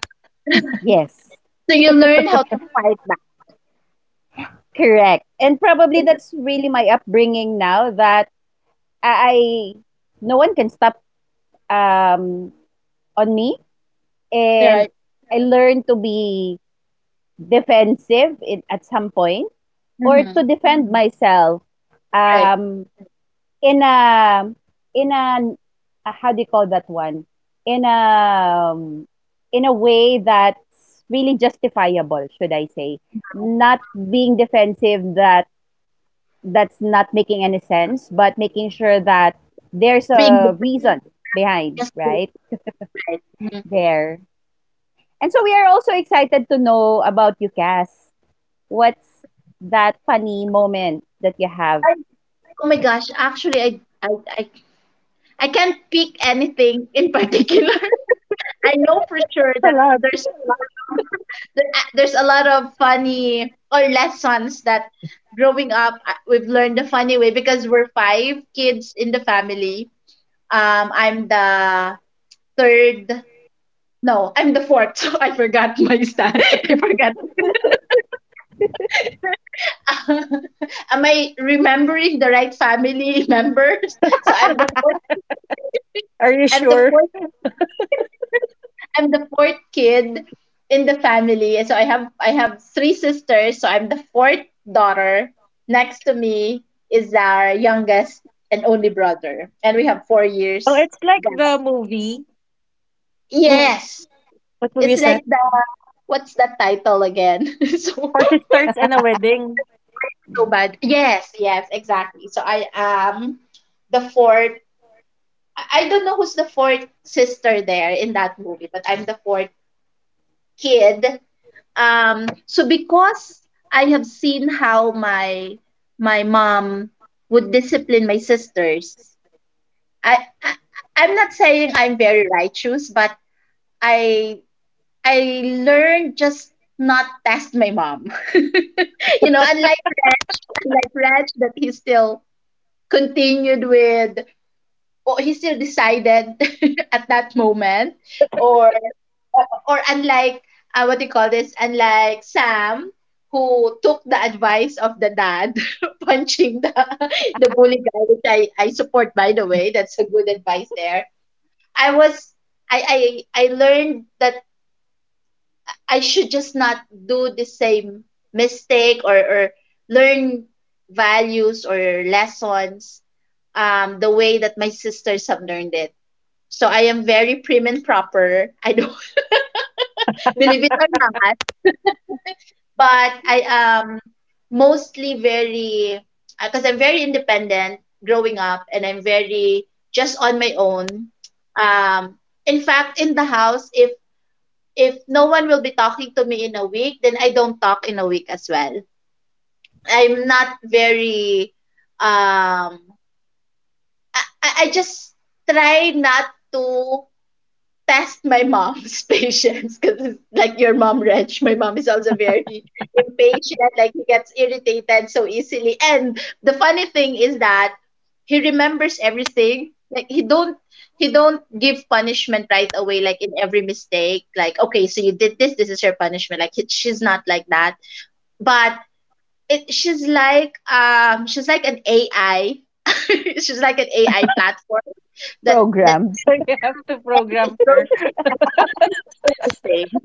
[SPEAKER 2] yes,
[SPEAKER 1] So you learn how to fight back,
[SPEAKER 2] correct. And probably that's really my upbringing now, that I no one can stop um on me, and
[SPEAKER 1] right?
[SPEAKER 2] I learned to be defensive at some point, or to
[SPEAKER 1] Mm-hmm.
[SPEAKER 2] defend myself,
[SPEAKER 1] Right.
[SPEAKER 2] um in a in a how do you call that one, in a um, in a way that's really justifiable, should I say,
[SPEAKER 1] Uh-huh.
[SPEAKER 2] not
[SPEAKER 1] uh
[SPEAKER 2] being defensive that's not making any sense, but making sure that
[SPEAKER 1] It's
[SPEAKER 2] there's
[SPEAKER 1] just being
[SPEAKER 2] a
[SPEAKER 1] difficult.
[SPEAKER 2] reason
[SPEAKER 1] It's not
[SPEAKER 2] behind,
[SPEAKER 1] just being
[SPEAKER 2] right?
[SPEAKER 1] difficult, right? Mm-hmm.
[SPEAKER 2] There. And so we are also excited to know about you, Cass. What's that funny moment that you have
[SPEAKER 1] I, oh my gosh! Actually, I can't pick anything in particular. I know for sure
[SPEAKER 3] That's a
[SPEAKER 1] that
[SPEAKER 3] lot.
[SPEAKER 1] there's a lot of there's a lot of funny or lessons that growing up we've learned the funny way because we're five kids in the family. I'm the third. No, I'm the fourth. So I forgot my star. I forgot. Am I remembering the right family members? So I'm the fourth.
[SPEAKER 3] Are you
[SPEAKER 1] I'm the
[SPEAKER 3] sure?
[SPEAKER 1] fourth. I'm the fourth kid in the family. So I have three sisters. So I'm the fourth daughter. Next to me is our youngest and only brother, and we have four
[SPEAKER 3] Oh,
[SPEAKER 1] years.
[SPEAKER 3] it's like
[SPEAKER 1] gap.
[SPEAKER 3] the movie. Wo-
[SPEAKER 1] Yes,
[SPEAKER 3] What movie
[SPEAKER 1] it's
[SPEAKER 3] is that?
[SPEAKER 1] like the what's that title again? So
[SPEAKER 3] Or she starts in a wedding.
[SPEAKER 1] I am so bad. Yes, yes, exactly. So I am the fourth. I don't know who's the fourth sister there in that movie, but I'm the fourth kid. So because I have seen how my mom would discipline my sisters, I, I I'm not saying I'm very righteous, but I I learned just not test my mom. You know, unlike Reg that he still continued with or he still decided at that moment or or unlike what do you call this, unlike Sam, who took the advice of the dad punching the bully guy, which I support, by the way. That's a good advice there. I was i i i learned that I should just not do the same mistake, or learn values or lessons the way that my sisters have learned it. So I am very prim and proper. I don't, believe it or not, but I am mostly very, because I'm very independent growing up, and I'm very just on my own. Um, in fact, in the house, if no one will be talking to me in a week, then I don't talk in a week as well. I'm not very um I just try not to test my mom's patience, because like your mom, Wrench, my mom is also very impatient. Like he gets irritated so easily, and the funny thing is that he remembers everything. Like he don't give punishment right away. Like in every mistake, like, okay, so you did this, this is your punishment. Like she's not like that. But it, she's like an AI. She's like an AI platform that
[SPEAKER 2] programmed?
[SPEAKER 1] she
[SPEAKER 3] So you have to
[SPEAKER 1] remembers it,
[SPEAKER 3] program her.
[SPEAKER 1] programs, she remembers everything.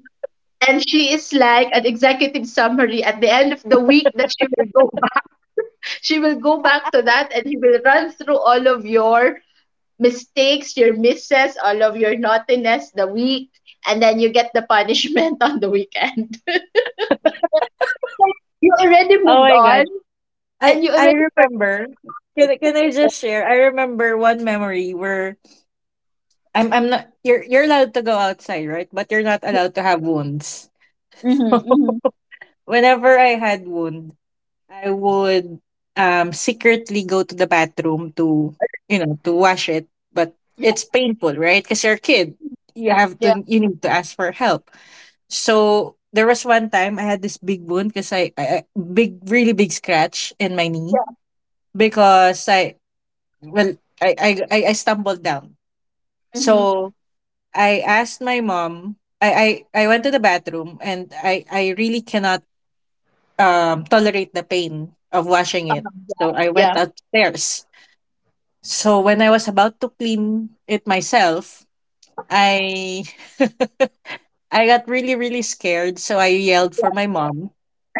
[SPEAKER 1] And she is like an executive summary at the end of the week, that she will go back. She will go back to that and she will run through all of your mistakes, your misses, all of your naughtiness the week, and then you get the punishment on the weekend. It's like you already
[SPEAKER 3] Oh
[SPEAKER 1] moved
[SPEAKER 3] my
[SPEAKER 1] on
[SPEAKER 3] god. I
[SPEAKER 1] and you
[SPEAKER 3] I
[SPEAKER 1] already forgot
[SPEAKER 3] remember.
[SPEAKER 1] about it.
[SPEAKER 3] Can I just
[SPEAKER 1] Yes.
[SPEAKER 3] share? I remember
[SPEAKER 1] Yes.
[SPEAKER 3] one memory where I'm not, you're allowed to go outside, right? But you're not
[SPEAKER 1] Yeah.
[SPEAKER 3] allowed to have wounds.
[SPEAKER 1] Mm-hmm. Mm-hmm.
[SPEAKER 3] Whenever I had wounds, I would secretly go to the bathroom, to
[SPEAKER 1] All right.
[SPEAKER 3] you know to wash it, but
[SPEAKER 1] Yeah.
[SPEAKER 3] it's painful, right? Because you're a kid,
[SPEAKER 1] Mhm. Yeah.
[SPEAKER 3] you need to ask for help. So there was one time I had this big wound because, big really big scratch in my knee,
[SPEAKER 1] Yeah.
[SPEAKER 3] because I well, I stumbled down.
[SPEAKER 1] Mm-hmm.
[SPEAKER 3] So I asked my mom. I went to the bathroom, and I really cannot tolerate the pain of washing it.
[SPEAKER 1] Uh-huh. Yeah.
[SPEAKER 3] So I went
[SPEAKER 1] Yeah.
[SPEAKER 3] upstairs. So when I was about to clean it myself, I I got really really scared. So I yelled
[SPEAKER 1] Yeah.
[SPEAKER 3] for my mom.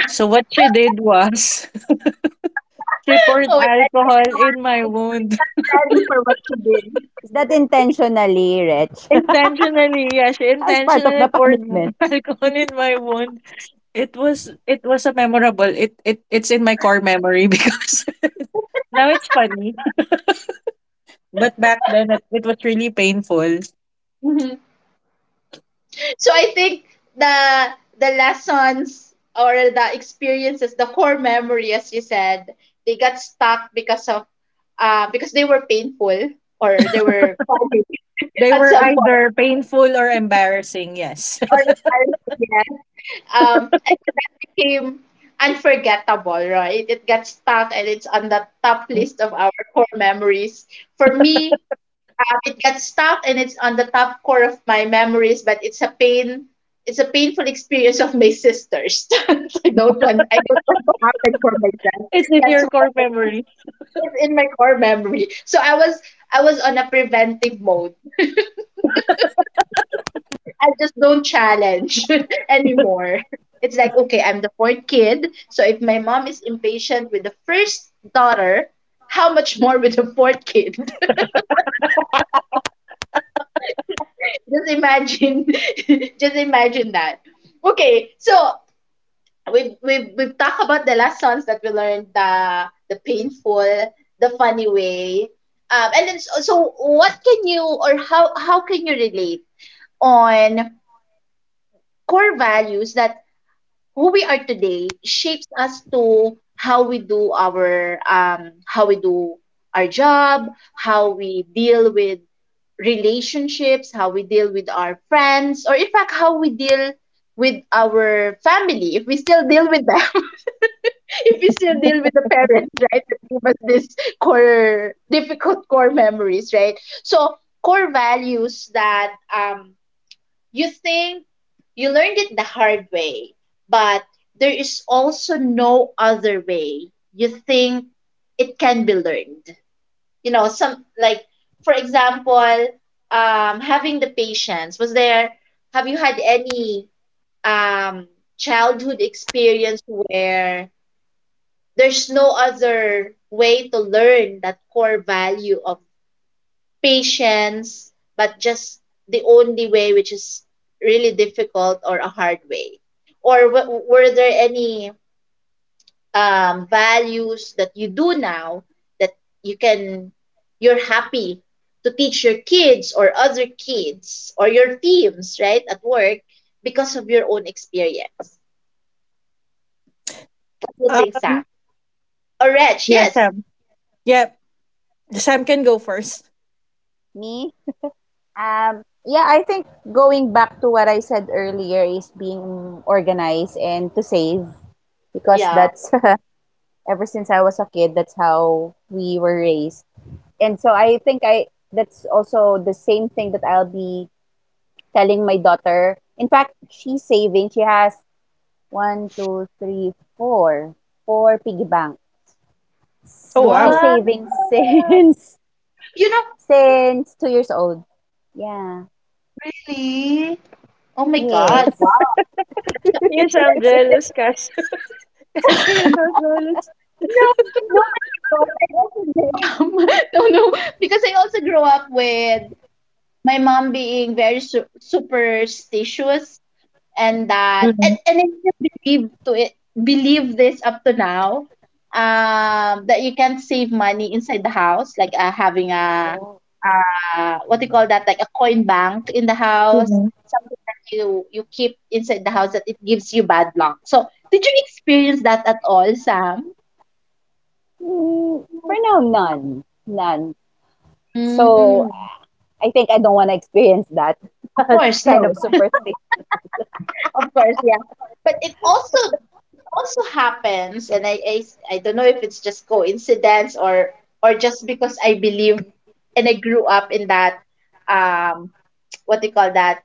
[SPEAKER 3] So what she did was she poured
[SPEAKER 1] Oh, wait, I
[SPEAKER 3] alcohol
[SPEAKER 1] cannot.
[SPEAKER 3] in my
[SPEAKER 1] I'm
[SPEAKER 3] wound
[SPEAKER 1] not ready for what you did.
[SPEAKER 2] Is that intentionally, Rich,
[SPEAKER 3] intentionally. Yeah, she
[SPEAKER 2] as part of the
[SPEAKER 3] intentionally poured
[SPEAKER 2] punishment?
[SPEAKER 3] alcohol in my wound. It was a memorable. It's in my core memory because now it's funny. But back then it was really painful.
[SPEAKER 1] Mhm. So I think the the lessons or the experiences, the core memory, as you said, they got stuck because of because they were painful or they were funny
[SPEAKER 3] They
[SPEAKER 1] at
[SPEAKER 3] were
[SPEAKER 1] some point.
[SPEAKER 3] either painful or embarrassing, yes.
[SPEAKER 1] Or embarrassing, yes. And so that became unforgettable, right? It got stuck and it's on the top list of our core memories. For me, it got stuck and it's on the top core of my memories, but it's a pain. It's a painful experience of my sisters. I don't want. I don't want to happen for myself.
[SPEAKER 3] It's in
[SPEAKER 1] That's
[SPEAKER 3] your
[SPEAKER 1] why
[SPEAKER 3] core
[SPEAKER 1] I was,
[SPEAKER 3] memory.
[SPEAKER 1] it's in my core memory. So I was on a preventive mode. I just don't challenge anymore. It's like, okay, I'm the fourth kid. So if my mom is impatient with the first daughter, how much more with the fourth kid? Just imagine, just imagine that. Okay, so we've talked about the lessons that we learned, the painful, the funny way. And then, so, so what can you, or how can you relate on core values, that who we are today shapes us to how we do our how we do our job, how we deal with relationships, how we deal with our friends, or in fact how we deal with our family if we still deal with them, if we still deal with the parents, right, that gave us this core difficult core memories, right? So core values that you think you learned it the hard way, but there is also no other way you think it can be learned. You know, some like, for example, having the patience. Was there? Have you had any um, childhood experience where there's no other way to learn that core value of patience, but just the only way, which is really difficult or a hard way? Or were there any values that you do now that you can, you're happy to teach your kids or other kids or your teams, right, at work because of your own experience? What do you think, Sam?
[SPEAKER 3] Um
[SPEAKER 1] Or Reg,
[SPEAKER 3] yeah,
[SPEAKER 1] yes.
[SPEAKER 3] Sam. Yeah. Sam can go first.
[SPEAKER 2] Me? Yeah, I think going back to what I said earlier is being organized and to save, because
[SPEAKER 1] Yeah.
[SPEAKER 2] that's ever since I was a kid, that's how we were raised. And so I think I that's also the same thing that I'll be telling my daughter. In fact, she's saving. She has one, two, three, four, four piggy banks.
[SPEAKER 3] Oh
[SPEAKER 2] She's
[SPEAKER 3] wow.
[SPEAKER 1] Wow.
[SPEAKER 2] saving since
[SPEAKER 1] You know,
[SPEAKER 2] 2 years old. Yeah.
[SPEAKER 1] really? Oh my God.
[SPEAKER 2] Yes.
[SPEAKER 1] Wow.
[SPEAKER 3] You
[SPEAKER 1] That's
[SPEAKER 3] sound
[SPEAKER 1] a
[SPEAKER 3] jealous,
[SPEAKER 1] very good.
[SPEAKER 3] Cass. Kasi you sound jealous.
[SPEAKER 1] No, no, but because I also grew up, no, because I also grew up with my mom being very superstitious. And that
[SPEAKER 3] Mhm,
[SPEAKER 1] and I still believe to it, believe this up to now, that you can save money inside the house, like having a
[SPEAKER 2] Oh.
[SPEAKER 1] what do you call that, like a coin bank in the house,
[SPEAKER 3] mhm.
[SPEAKER 1] something that you keep inside the house, that it gives you bad luck. So did you experience that at all, Sam?
[SPEAKER 2] Mm, for now, none, none. So
[SPEAKER 1] Mm,
[SPEAKER 2] I think I don't want to experience that
[SPEAKER 1] of course
[SPEAKER 2] kind
[SPEAKER 1] no.
[SPEAKER 2] of superstition.
[SPEAKER 1] Of course, yeah. But it also, it also happens, and I don't know if it's just coincidence or just because I believe and I grew up in that um what do you call that,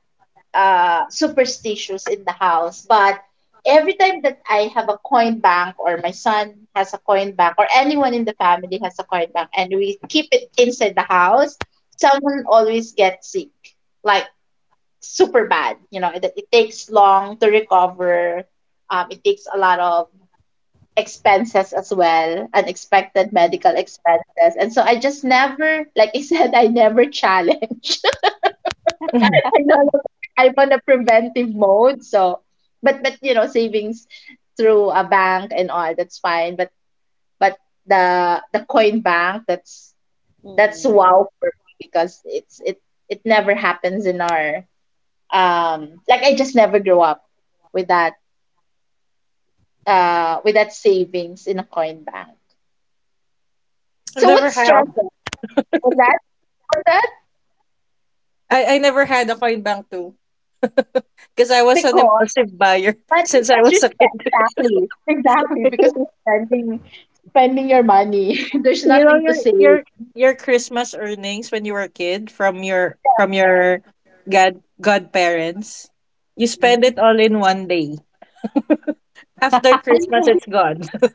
[SPEAKER 1] superstitious in the house. But every time that I have a coin bank, or my son has a coin bank, or anyone in the family has a coin bank and we keep it inside the house, someone always gets sick. Like super bad. You know, it takes long to recover. It takes a lot of expenses as well, unexpected medical
[SPEAKER 2] Mm.
[SPEAKER 1] expenses. And so I just never, like I said, I never challenge.
[SPEAKER 3] Mhm.
[SPEAKER 1] I no longer I'm on a preventive mode. So, but, you know, savings through a bank and all, that's fine. But the coin bank, that's
[SPEAKER 2] Mm.
[SPEAKER 1] wow for me, because it's, it never happens in our. Like I just never grew up with that with that savings in a coin bank.
[SPEAKER 3] I've
[SPEAKER 1] So what
[SPEAKER 3] never
[SPEAKER 2] So,
[SPEAKER 3] had.
[SPEAKER 1] struggle was that? Was that
[SPEAKER 3] I never had a coin bank too. Because I was an
[SPEAKER 1] because,
[SPEAKER 3] impulsive buyer
[SPEAKER 1] but
[SPEAKER 3] since I
[SPEAKER 1] because you
[SPEAKER 3] was a kid.
[SPEAKER 1] spend, exactly, because you're spending your money. There's
[SPEAKER 3] You know
[SPEAKER 1] nothing to
[SPEAKER 3] your your
[SPEAKER 1] save.
[SPEAKER 3] your Christmas earnings when you were a kid from your
[SPEAKER 1] Yeah.
[SPEAKER 3] from your god godparents. You
[SPEAKER 1] Mm-hmm.
[SPEAKER 3] spend it all in one day. After
[SPEAKER 1] You know,
[SPEAKER 3] Christmas
[SPEAKER 1] I
[SPEAKER 3] it's
[SPEAKER 1] think-
[SPEAKER 3] gone.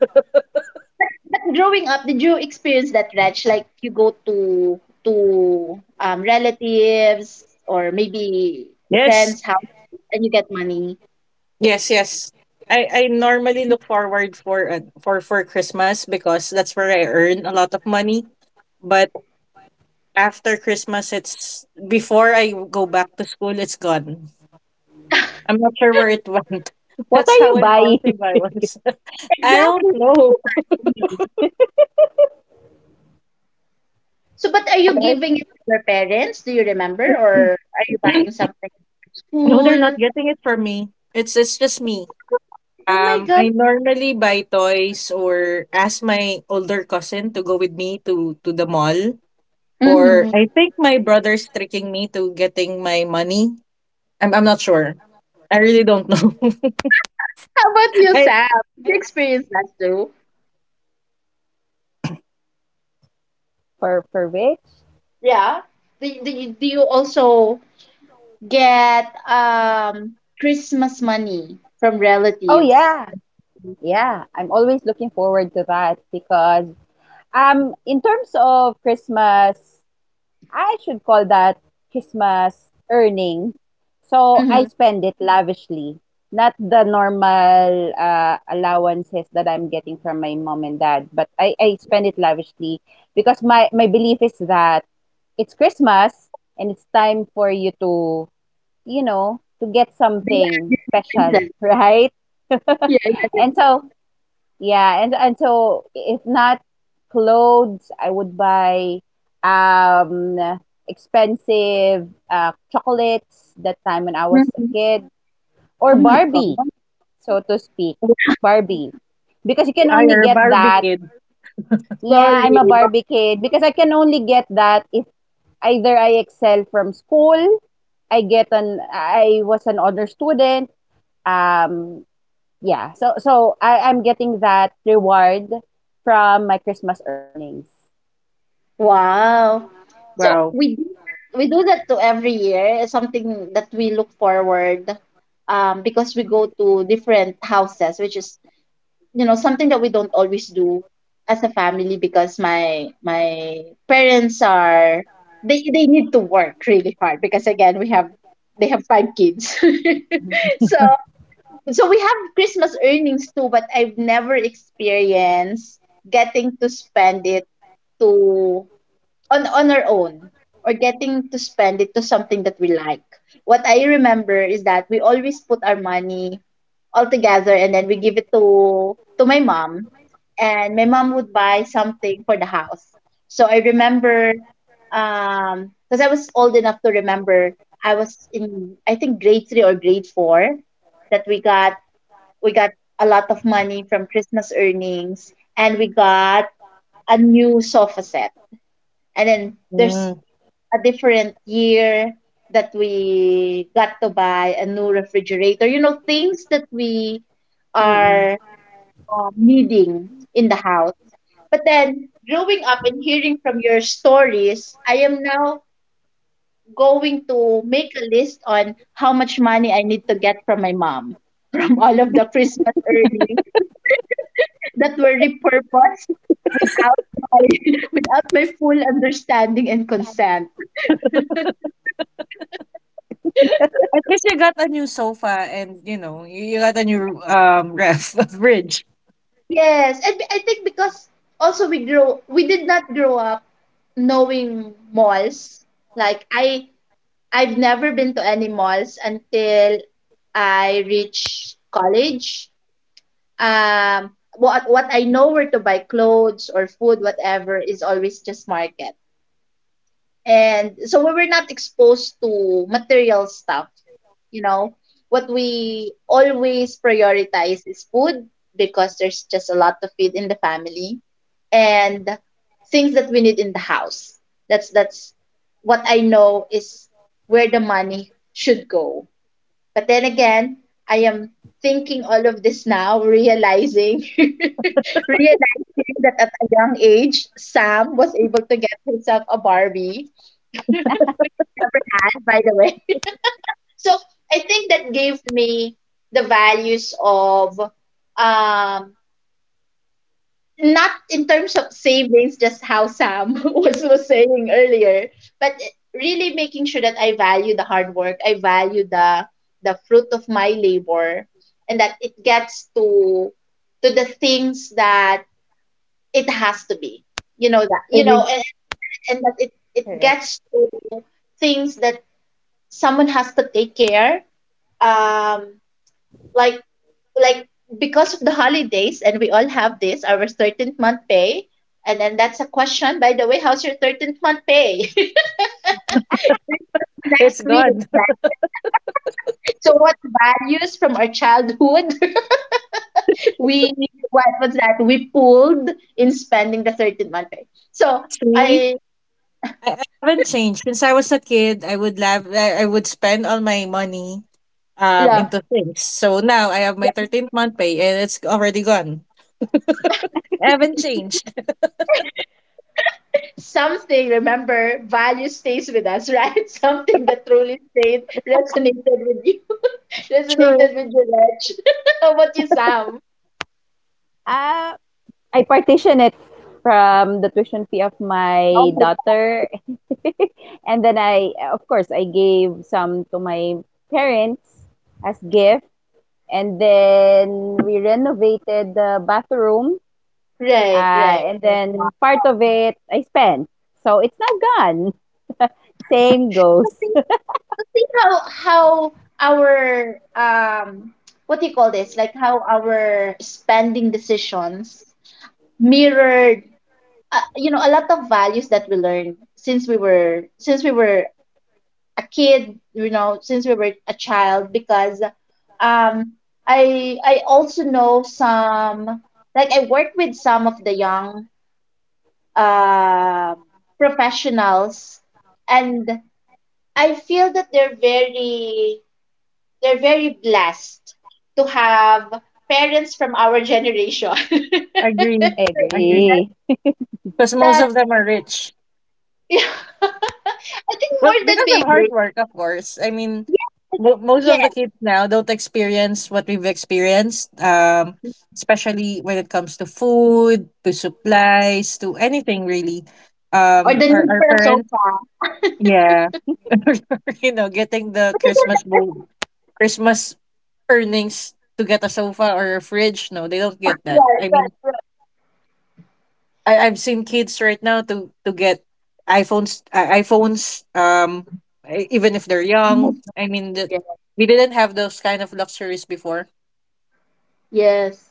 [SPEAKER 1] But, but growing up, did you experience that, Wretch? Like you go to relatives or maybe
[SPEAKER 3] Yes.
[SPEAKER 1] friends' houses and you get money.
[SPEAKER 3] Yes, yes. I normally look forward for Christmas because that's where I
[SPEAKER 1] Mhm.
[SPEAKER 3] earn a lot of money. But after Christmas it's before I go back to school it's gone. I'm not sure where it went.
[SPEAKER 2] what are
[SPEAKER 3] That's
[SPEAKER 2] you
[SPEAKER 3] how
[SPEAKER 2] buying
[SPEAKER 3] impulsive I was. I don't
[SPEAKER 1] Exactly, what are
[SPEAKER 3] know.
[SPEAKER 1] you buying? So, but are you giving it to your parents? Do you remember? Or are you buying something for
[SPEAKER 3] No, they're not
[SPEAKER 1] school?
[SPEAKER 3] getting it from me. It's just
[SPEAKER 1] Wow!
[SPEAKER 3] me.
[SPEAKER 1] Oh my God.
[SPEAKER 3] I normally buy toys or ask my older cousin to go with me to the mall. Or
[SPEAKER 1] Mm-hmm.
[SPEAKER 3] I think my brother's tricking me to getting my money. I'm not sure. I really don't know.
[SPEAKER 1] How about you,
[SPEAKER 3] I
[SPEAKER 1] Sam? Did you experience that too?
[SPEAKER 2] for which?
[SPEAKER 1] Yeah. Do you also get Christmas money from
[SPEAKER 2] Oh
[SPEAKER 1] relatives?
[SPEAKER 2] yeah,
[SPEAKER 1] Parents.
[SPEAKER 2] yeah. I'm always looking forward to that, because in terms of Christmas, I should call that Christmas earning. So I
[SPEAKER 1] Mm-hmm.
[SPEAKER 2] spend it lavishly, not the normal allowances that I'm getting from my mom and dad, but I spend it lavishly, because my belief is that it's Christmas, and it's time for you to get
[SPEAKER 1] They are
[SPEAKER 2] something
[SPEAKER 1] Disney
[SPEAKER 2] special,
[SPEAKER 1] princess.
[SPEAKER 2] right?
[SPEAKER 1] Yeah, yeah,
[SPEAKER 2] And
[SPEAKER 1] yeah.
[SPEAKER 2] so, yeah, and so if not clothes, I would buy um expensive chocolates that time when I was a
[SPEAKER 1] Mhm.
[SPEAKER 2] kid, or
[SPEAKER 1] Oh my God.
[SPEAKER 2] Barbie, so to speak.
[SPEAKER 1] Wow.
[SPEAKER 2] Barbie. Because you can
[SPEAKER 3] I
[SPEAKER 2] only
[SPEAKER 3] are a
[SPEAKER 2] get
[SPEAKER 3] Barbie
[SPEAKER 2] that.
[SPEAKER 3] kid.
[SPEAKER 2] Yeah, I'm a
[SPEAKER 1] Barbie,
[SPEAKER 2] Barbie kid,
[SPEAKER 1] Barbie.
[SPEAKER 2] because I can only get that if either I excel from school, I was an honor student, um yeah, so I'm getting that reward from my Christmas earnings.
[SPEAKER 1] Wow. So
[SPEAKER 3] Wow.
[SPEAKER 1] we do that to every year. It's something that we look forward because we go to different houses, which is you know something that we don't always do as a family because my parents are they need to work really hard because again we have they have five kids. so So we have Christmas earnings too, but I've never experienced getting to spend it to on our own, or getting to spend it to something that we like. What I remember is that we always put our money all together and then we give it to my mom, and my mom would buy something for the house. So I remember, because I was old enough to remember, I was in, I think, grade 3 or grade 4, that we got a lot of money from Christmas earnings, and we got a new sofa set. And then there's
[SPEAKER 3] Mm.
[SPEAKER 1] also a different year that we got to buy a new refrigerator. You know, things that we
[SPEAKER 2] Mm-mm,
[SPEAKER 1] are, needing in the house. But then growing up and hearing from your stories, I am now going to make a list on how much money I need to get from my mom from all of the Christmas earnings that were repurposed without my without my full understanding and consent.
[SPEAKER 3] At least you got a new sofa and you know you got a
[SPEAKER 1] Oh
[SPEAKER 3] new
[SPEAKER 1] yeah.
[SPEAKER 3] ref fridge.
[SPEAKER 1] Yes, and I think because also we did not grow up knowing malls. Like I I've never been to any malls until I reached college. What I know, where to buy clothes or food whatever, is always just market. And so we were not exposed to material stuff, you know. What we always prioritize is food, because there's just a lot of it in the family, and things that we need in the house. That's What I know is where the money should go. But then again, I am thinking all of this now, realizing realizing that at a young age, Sam was able to get himself a Barbie, which I never had, by the way. So I think that gave me the values of, um not in terms of savings, just how Sam was saying earlier, but really making sure that I value the hard work, I value the fruit of my labor, and that it gets to the things that it has to be. You know
[SPEAKER 3] I mean,
[SPEAKER 1] and and that it
[SPEAKER 2] correct.
[SPEAKER 1] gets to things that someone has to take care, um like like because of the holidays, and we all have this, our 13th month pay. And then that's a question, by the way, how's your 13th month pay? This was next
[SPEAKER 3] it's
[SPEAKER 1] week,
[SPEAKER 3] gone.
[SPEAKER 1] right? So what values from our childhood we what was that we pulled in spending the 13th month pay? So
[SPEAKER 3] See,
[SPEAKER 1] I
[SPEAKER 3] I haven't changed. Since I was a kid, I would love I would spend all my money
[SPEAKER 1] Yeah,
[SPEAKER 3] into things. So now I have my 13th month pay and it's already gone. I haven't changed.
[SPEAKER 1] something, remember, value stays with us, right? Something that truly stayed, resonated with you.
[SPEAKER 3] True.
[SPEAKER 1] Resonated with you, Rach. How about you, Sam?
[SPEAKER 2] Uh, I partition it from the tuition fee of
[SPEAKER 1] Oh
[SPEAKER 2] my
[SPEAKER 1] my God!
[SPEAKER 2] daughter. And then I, of course, I gave some to my parents as gift. And then we renovated the bathroom.
[SPEAKER 1] Right,
[SPEAKER 2] Uh,
[SPEAKER 1] right.
[SPEAKER 2] and then
[SPEAKER 1] Wow.
[SPEAKER 2] part of it I spent. So it's now gone. Same
[SPEAKER 1] To
[SPEAKER 2] goes.
[SPEAKER 1] think, to think how our, what do you call this? Like, how our spending decisions mirrored, you know, a lot of values that we learned since we were a kid, you know, since we were a child, because, um I also know some, like, I work with some of the young, um, professionals, and I feel that they're very blessed to have parents from our generation.
[SPEAKER 3] Agree. Agree.
[SPEAKER 1] Right?
[SPEAKER 2] Agree.
[SPEAKER 1] that
[SPEAKER 3] Because most
[SPEAKER 1] that
[SPEAKER 3] of them are rich.
[SPEAKER 1] I think
[SPEAKER 3] Well,
[SPEAKER 1] more than
[SPEAKER 3] because of
[SPEAKER 1] being
[SPEAKER 3] hard
[SPEAKER 1] rich,
[SPEAKER 3] work, of course. I mean,
[SPEAKER 1] yes, it-
[SPEAKER 3] mo- most of the
[SPEAKER 1] yes,
[SPEAKER 3] kids now don't experience what we've experienced, especially when it comes to food, to supplies, to anything really.
[SPEAKER 1] or
[SPEAKER 3] Um,
[SPEAKER 1] the
[SPEAKER 3] our,
[SPEAKER 1] need
[SPEAKER 3] our
[SPEAKER 1] for a
[SPEAKER 3] parents
[SPEAKER 1] sofa.
[SPEAKER 3] yeah. You know, getting the Christmas bo- Christmas earnings to get a sofa or a fridge. No, they don't
[SPEAKER 1] Right,
[SPEAKER 3] get that. I mean,
[SPEAKER 1] right, right.
[SPEAKER 3] I've seen kids right now to get iPhones I iPhones e- even if they're young. I mean, that
[SPEAKER 1] Yes,
[SPEAKER 3] we didn't have those kind of luxuries before.
[SPEAKER 1] yes.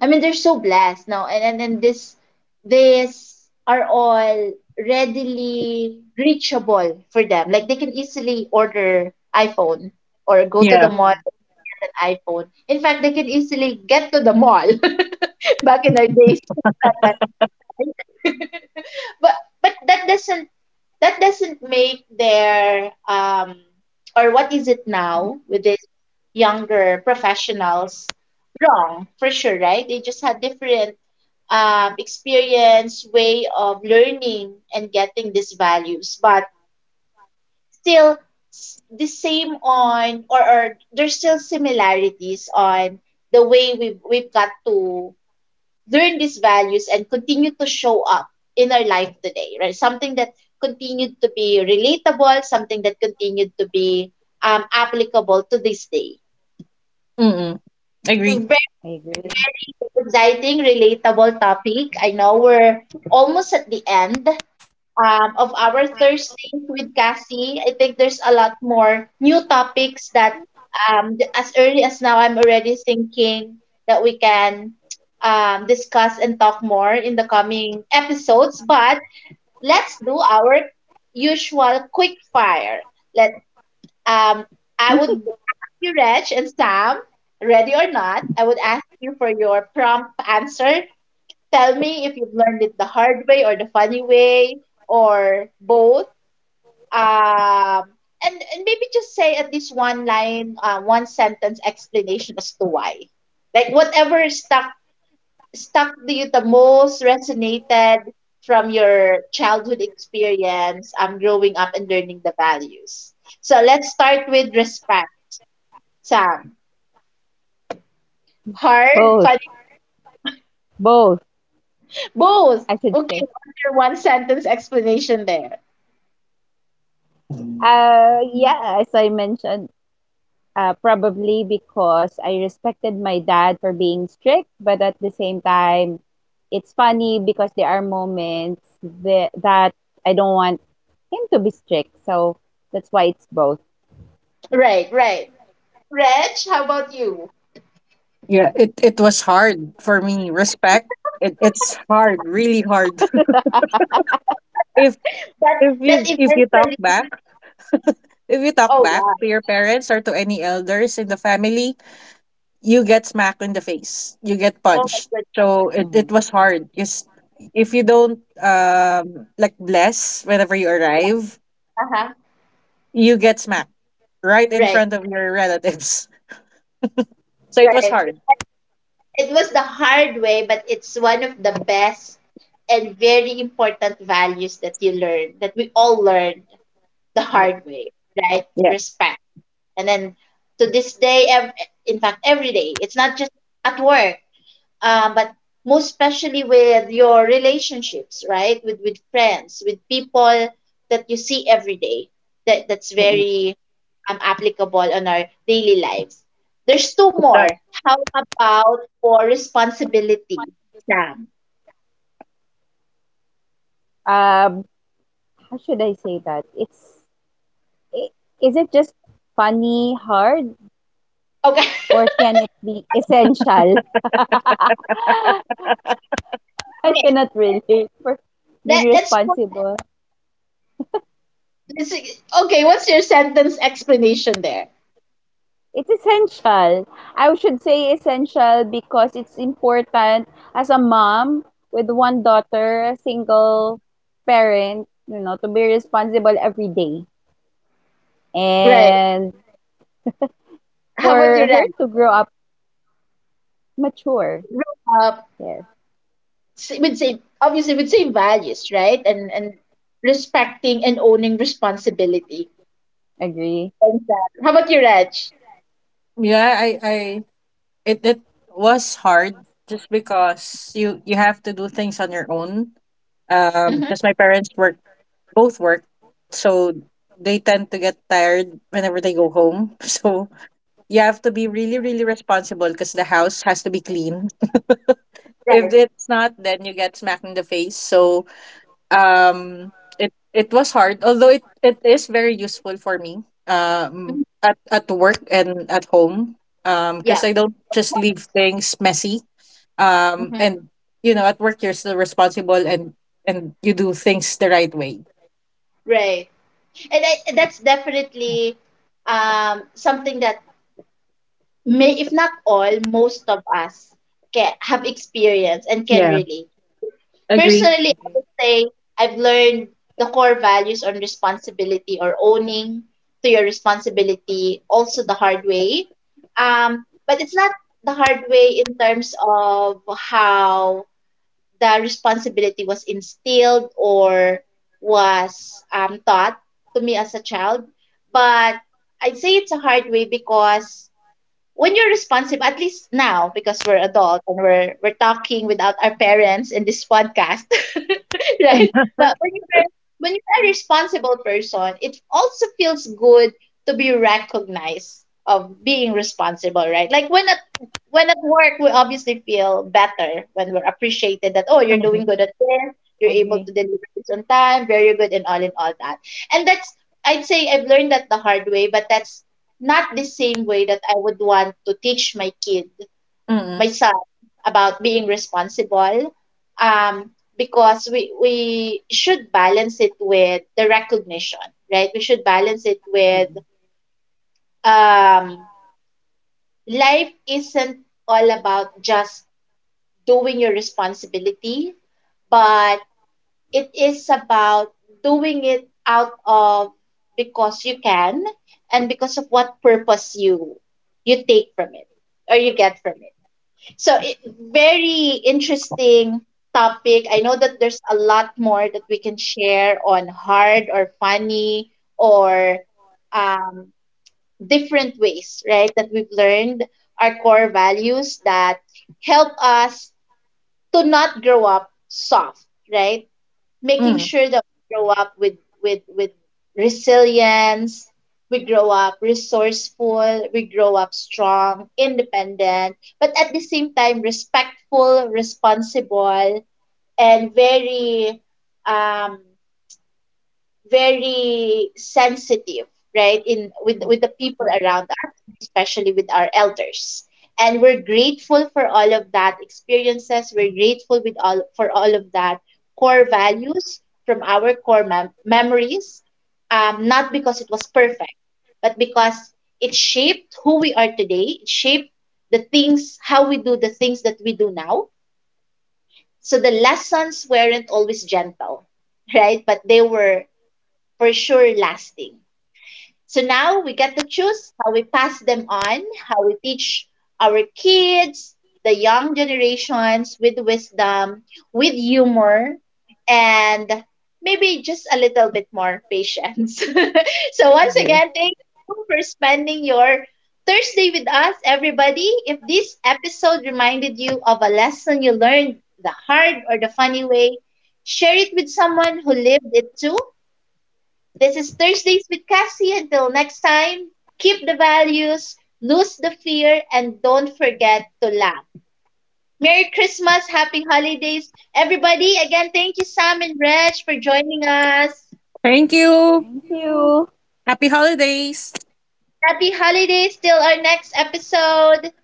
[SPEAKER 1] I mean, they're so blessed now, and and this, these are all readily reachable for them. Like, they can easily order iPhone or go to the
[SPEAKER 3] Yeah.
[SPEAKER 1] mall
[SPEAKER 2] Mm,
[SPEAKER 1] and get an iPhone. In fact, they can easily get to the mall. Back in our days, it's not that easy, right? But that doesn't make their, um, or what is it now with these younger professionals, wrong, for sure, right? They just had different, experience, way of learning and getting these values, but still, s- the same on, or, there's still similarities on the way we've got to learn these values and continue to show up in our life today, right? Something that continued to be relatable, something that continued to be, applicable to this day.
[SPEAKER 3] Mm. Agree.
[SPEAKER 1] Very,
[SPEAKER 2] I agree.
[SPEAKER 1] very exciting, relatable topic. I know we're almost at the end, of our Thursdays with Cassie. I think there's a lot more new topics that, th- as early as now, I'm already thinking that we can, discuss and talk more in the coming episodes. But let's do our usual quick fire. Let um, I would ask you, Reg and Sam, ready or not, I would ask you for your prompt answer. Tell me if you've learned it the hard way or the funny way or both. Um, and maybe just say at least one line, one sentence explanation as to why. Like whatever stuck to you the most, resonated from your childhood experience, growing up and learning the values. So let's start with respect, Sam. Hard,
[SPEAKER 2] Both,
[SPEAKER 1] funny,
[SPEAKER 2] both,
[SPEAKER 1] both.
[SPEAKER 2] I should
[SPEAKER 1] Okay,
[SPEAKER 2] say.
[SPEAKER 1] what's your one sentence explanation there?
[SPEAKER 2] Yeah, as I mentioned, probably because I respected my dad for being strict, but at the same time, it's funny because there are moments that I don't want him to be strict. So that's why it's both.
[SPEAKER 1] Right, right. Reg, how about you?
[SPEAKER 3] It was hard for me. Respect. It it's hard, really hard. if
[SPEAKER 1] That that
[SPEAKER 3] if you talk
[SPEAKER 1] eventually,
[SPEAKER 3] back. If you talk
[SPEAKER 1] oh
[SPEAKER 3] back
[SPEAKER 1] yeah,
[SPEAKER 3] to your parents or to any elders in the family, you get smacked in the face. You get
[SPEAKER 1] oh my
[SPEAKER 3] punched.
[SPEAKER 1] goodness,
[SPEAKER 3] So it
[SPEAKER 2] Mhm.
[SPEAKER 3] was hard. Just if you don't like bless whenever you arrive,
[SPEAKER 1] uh-huh.
[SPEAKER 3] you get smacked right in
[SPEAKER 1] Right,
[SPEAKER 3] front of your
[SPEAKER 1] right,
[SPEAKER 3] relatives. So it was
[SPEAKER 1] right.
[SPEAKER 3] hard.
[SPEAKER 1] It was the hard way, but it's one of the best and very important values that you learn, that we all learned the hard
[SPEAKER 2] Yeah.
[SPEAKER 1] way, right?
[SPEAKER 3] Yeah.
[SPEAKER 1] Respect. And then, to this day, ev- in fact, every day, it's not just at work, but most especially with your relationships, right? With friends, with people that you see every day. That's
[SPEAKER 3] Mm-mm.
[SPEAKER 1] very, applicable on our daily lives. There's two
[SPEAKER 3] It does.
[SPEAKER 1] more. How about for responsibility, Sam?
[SPEAKER 2] Um, how should I say that? I- is it just funny, hard,
[SPEAKER 1] Okay,
[SPEAKER 2] or can it be essential? I
[SPEAKER 1] okay.
[SPEAKER 2] cannot relate for being
[SPEAKER 1] Let, let's put
[SPEAKER 2] responsible.
[SPEAKER 1] let's okay. What's your sentence explanation there?
[SPEAKER 2] It's essential. I should say essential, because it's important as a mom with one daughter, a single
[SPEAKER 1] Uh,
[SPEAKER 2] parent, to be responsible every day.
[SPEAKER 1] right.
[SPEAKER 2] And
[SPEAKER 1] How about you,
[SPEAKER 2] for her
[SPEAKER 1] Ren?
[SPEAKER 2] to grow up mature.
[SPEAKER 1] Grow up.
[SPEAKER 2] Yes,
[SPEAKER 1] S- with same, obviously, with same values, right? And respecting and owning responsibility.
[SPEAKER 2] agree.
[SPEAKER 1] And, how about you, Raj?
[SPEAKER 3] Yeah, I, I it was hard just because you have to do things on your own. Because
[SPEAKER 1] Hmm.
[SPEAKER 3] my parents were both work, so they tend to get tired whenever they go home. So you have to be really, really responsible because the house has to be clean. If
[SPEAKER 1] Right.
[SPEAKER 3] it's not, then you get smacked in the face. So um, it it was hard, although it is very useful for me
[SPEAKER 1] Mhm.
[SPEAKER 3] at work and at home
[SPEAKER 1] Yeah.
[SPEAKER 3] because I don't just leave things messy
[SPEAKER 1] Hmm.
[SPEAKER 3] and you know at work you're still responsible and you do things the right way.
[SPEAKER 1] Right. And I, that's definitely, something that may, if not all, most of us can have experienced and can
[SPEAKER 3] Yeah,
[SPEAKER 1] relate.
[SPEAKER 3] agree.
[SPEAKER 1] Personally, I would say I've learned the core values on responsibility, or owning to your responsibility, also the hard way. But it's not the hard way in terms of how the responsibility was instilled or was, taught to me as a child. But I'd say it's a hard way because when you're responsible, at least now, because we're adults and we're talking without our parents in this podcast, right? But when you're a responsible person, it also feels good to be recognized of being responsible, right? Like when at work, we obviously feel better when we're appreciated that, oh, you're doing
[SPEAKER 3] Mhm,
[SPEAKER 1] good at this, you're able to
[SPEAKER 2] Agree.
[SPEAKER 1] deliver this on time, very good, and all in all that. And that's, I'd say I've learned that the hard way, but that's not the same way that I would want to teach my kid, my
[SPEAKER 3] mm,
[SPEAKER 1] son, about being responsible. Um, because we should balance it with the recognition, right? We should balance it with,
[SPEAKER 2] Mm,
[SPEAKER 1] um, life isn't all about just doing your responsibility, but it is about doing it out of, because you can, and because of what purpose you you take from it or you get from it. So it, very interesting topic. I know that there's a lot more that we can share on hard or funny, or, um, different ways, right, that we've learned our core values that help us to not grow up soft, right? Making
[SPEAKER 3] mm.
[SPEAKER 1] sure that we grow up with resilience, we grow up resourceful, we grow up strong, independent, but at the same time respectful, responsible, and very, um, very sensitive, right, in with the people
[SPEAKER 2] true.
[SPEAKER 1] around us, most especially with our elders. And we're grateful for all of that experiences, we're grateful with all for all of that core values from our core mem- memories, not because it was perfect, but because it shaped who we are today, it shaped the things, how we do the things that we do now. So the lessons weren't always gentle, right, but they were, for sure, lasting. So now we get to choose how we pass them on, how we teach our kids, the young generations, with wisdom, with humor, and maybe just a little bit more patience. So once
[SPEAKER 2] Agree.
[SPEAKER 1] again, thank you for spending your Thursday with us, everybody. If this episode reminded you of a lesson you learned the hard or the funny way, share it with someone who lived it too. This is Thursdays with Cassie. Until next time, keep the values, lose the fear, and don't forget to laugh. Merry Christmas, Happy Holidays. Everybody, again, thank you, Sam and Reg, for joining us.
[SPEAKER 3] Thank you.
[SPEAKER 2] Thank you.
[SPEAKER 3] Happy holidays.
[SPEAKER 1] Happy Holidays till our next episode.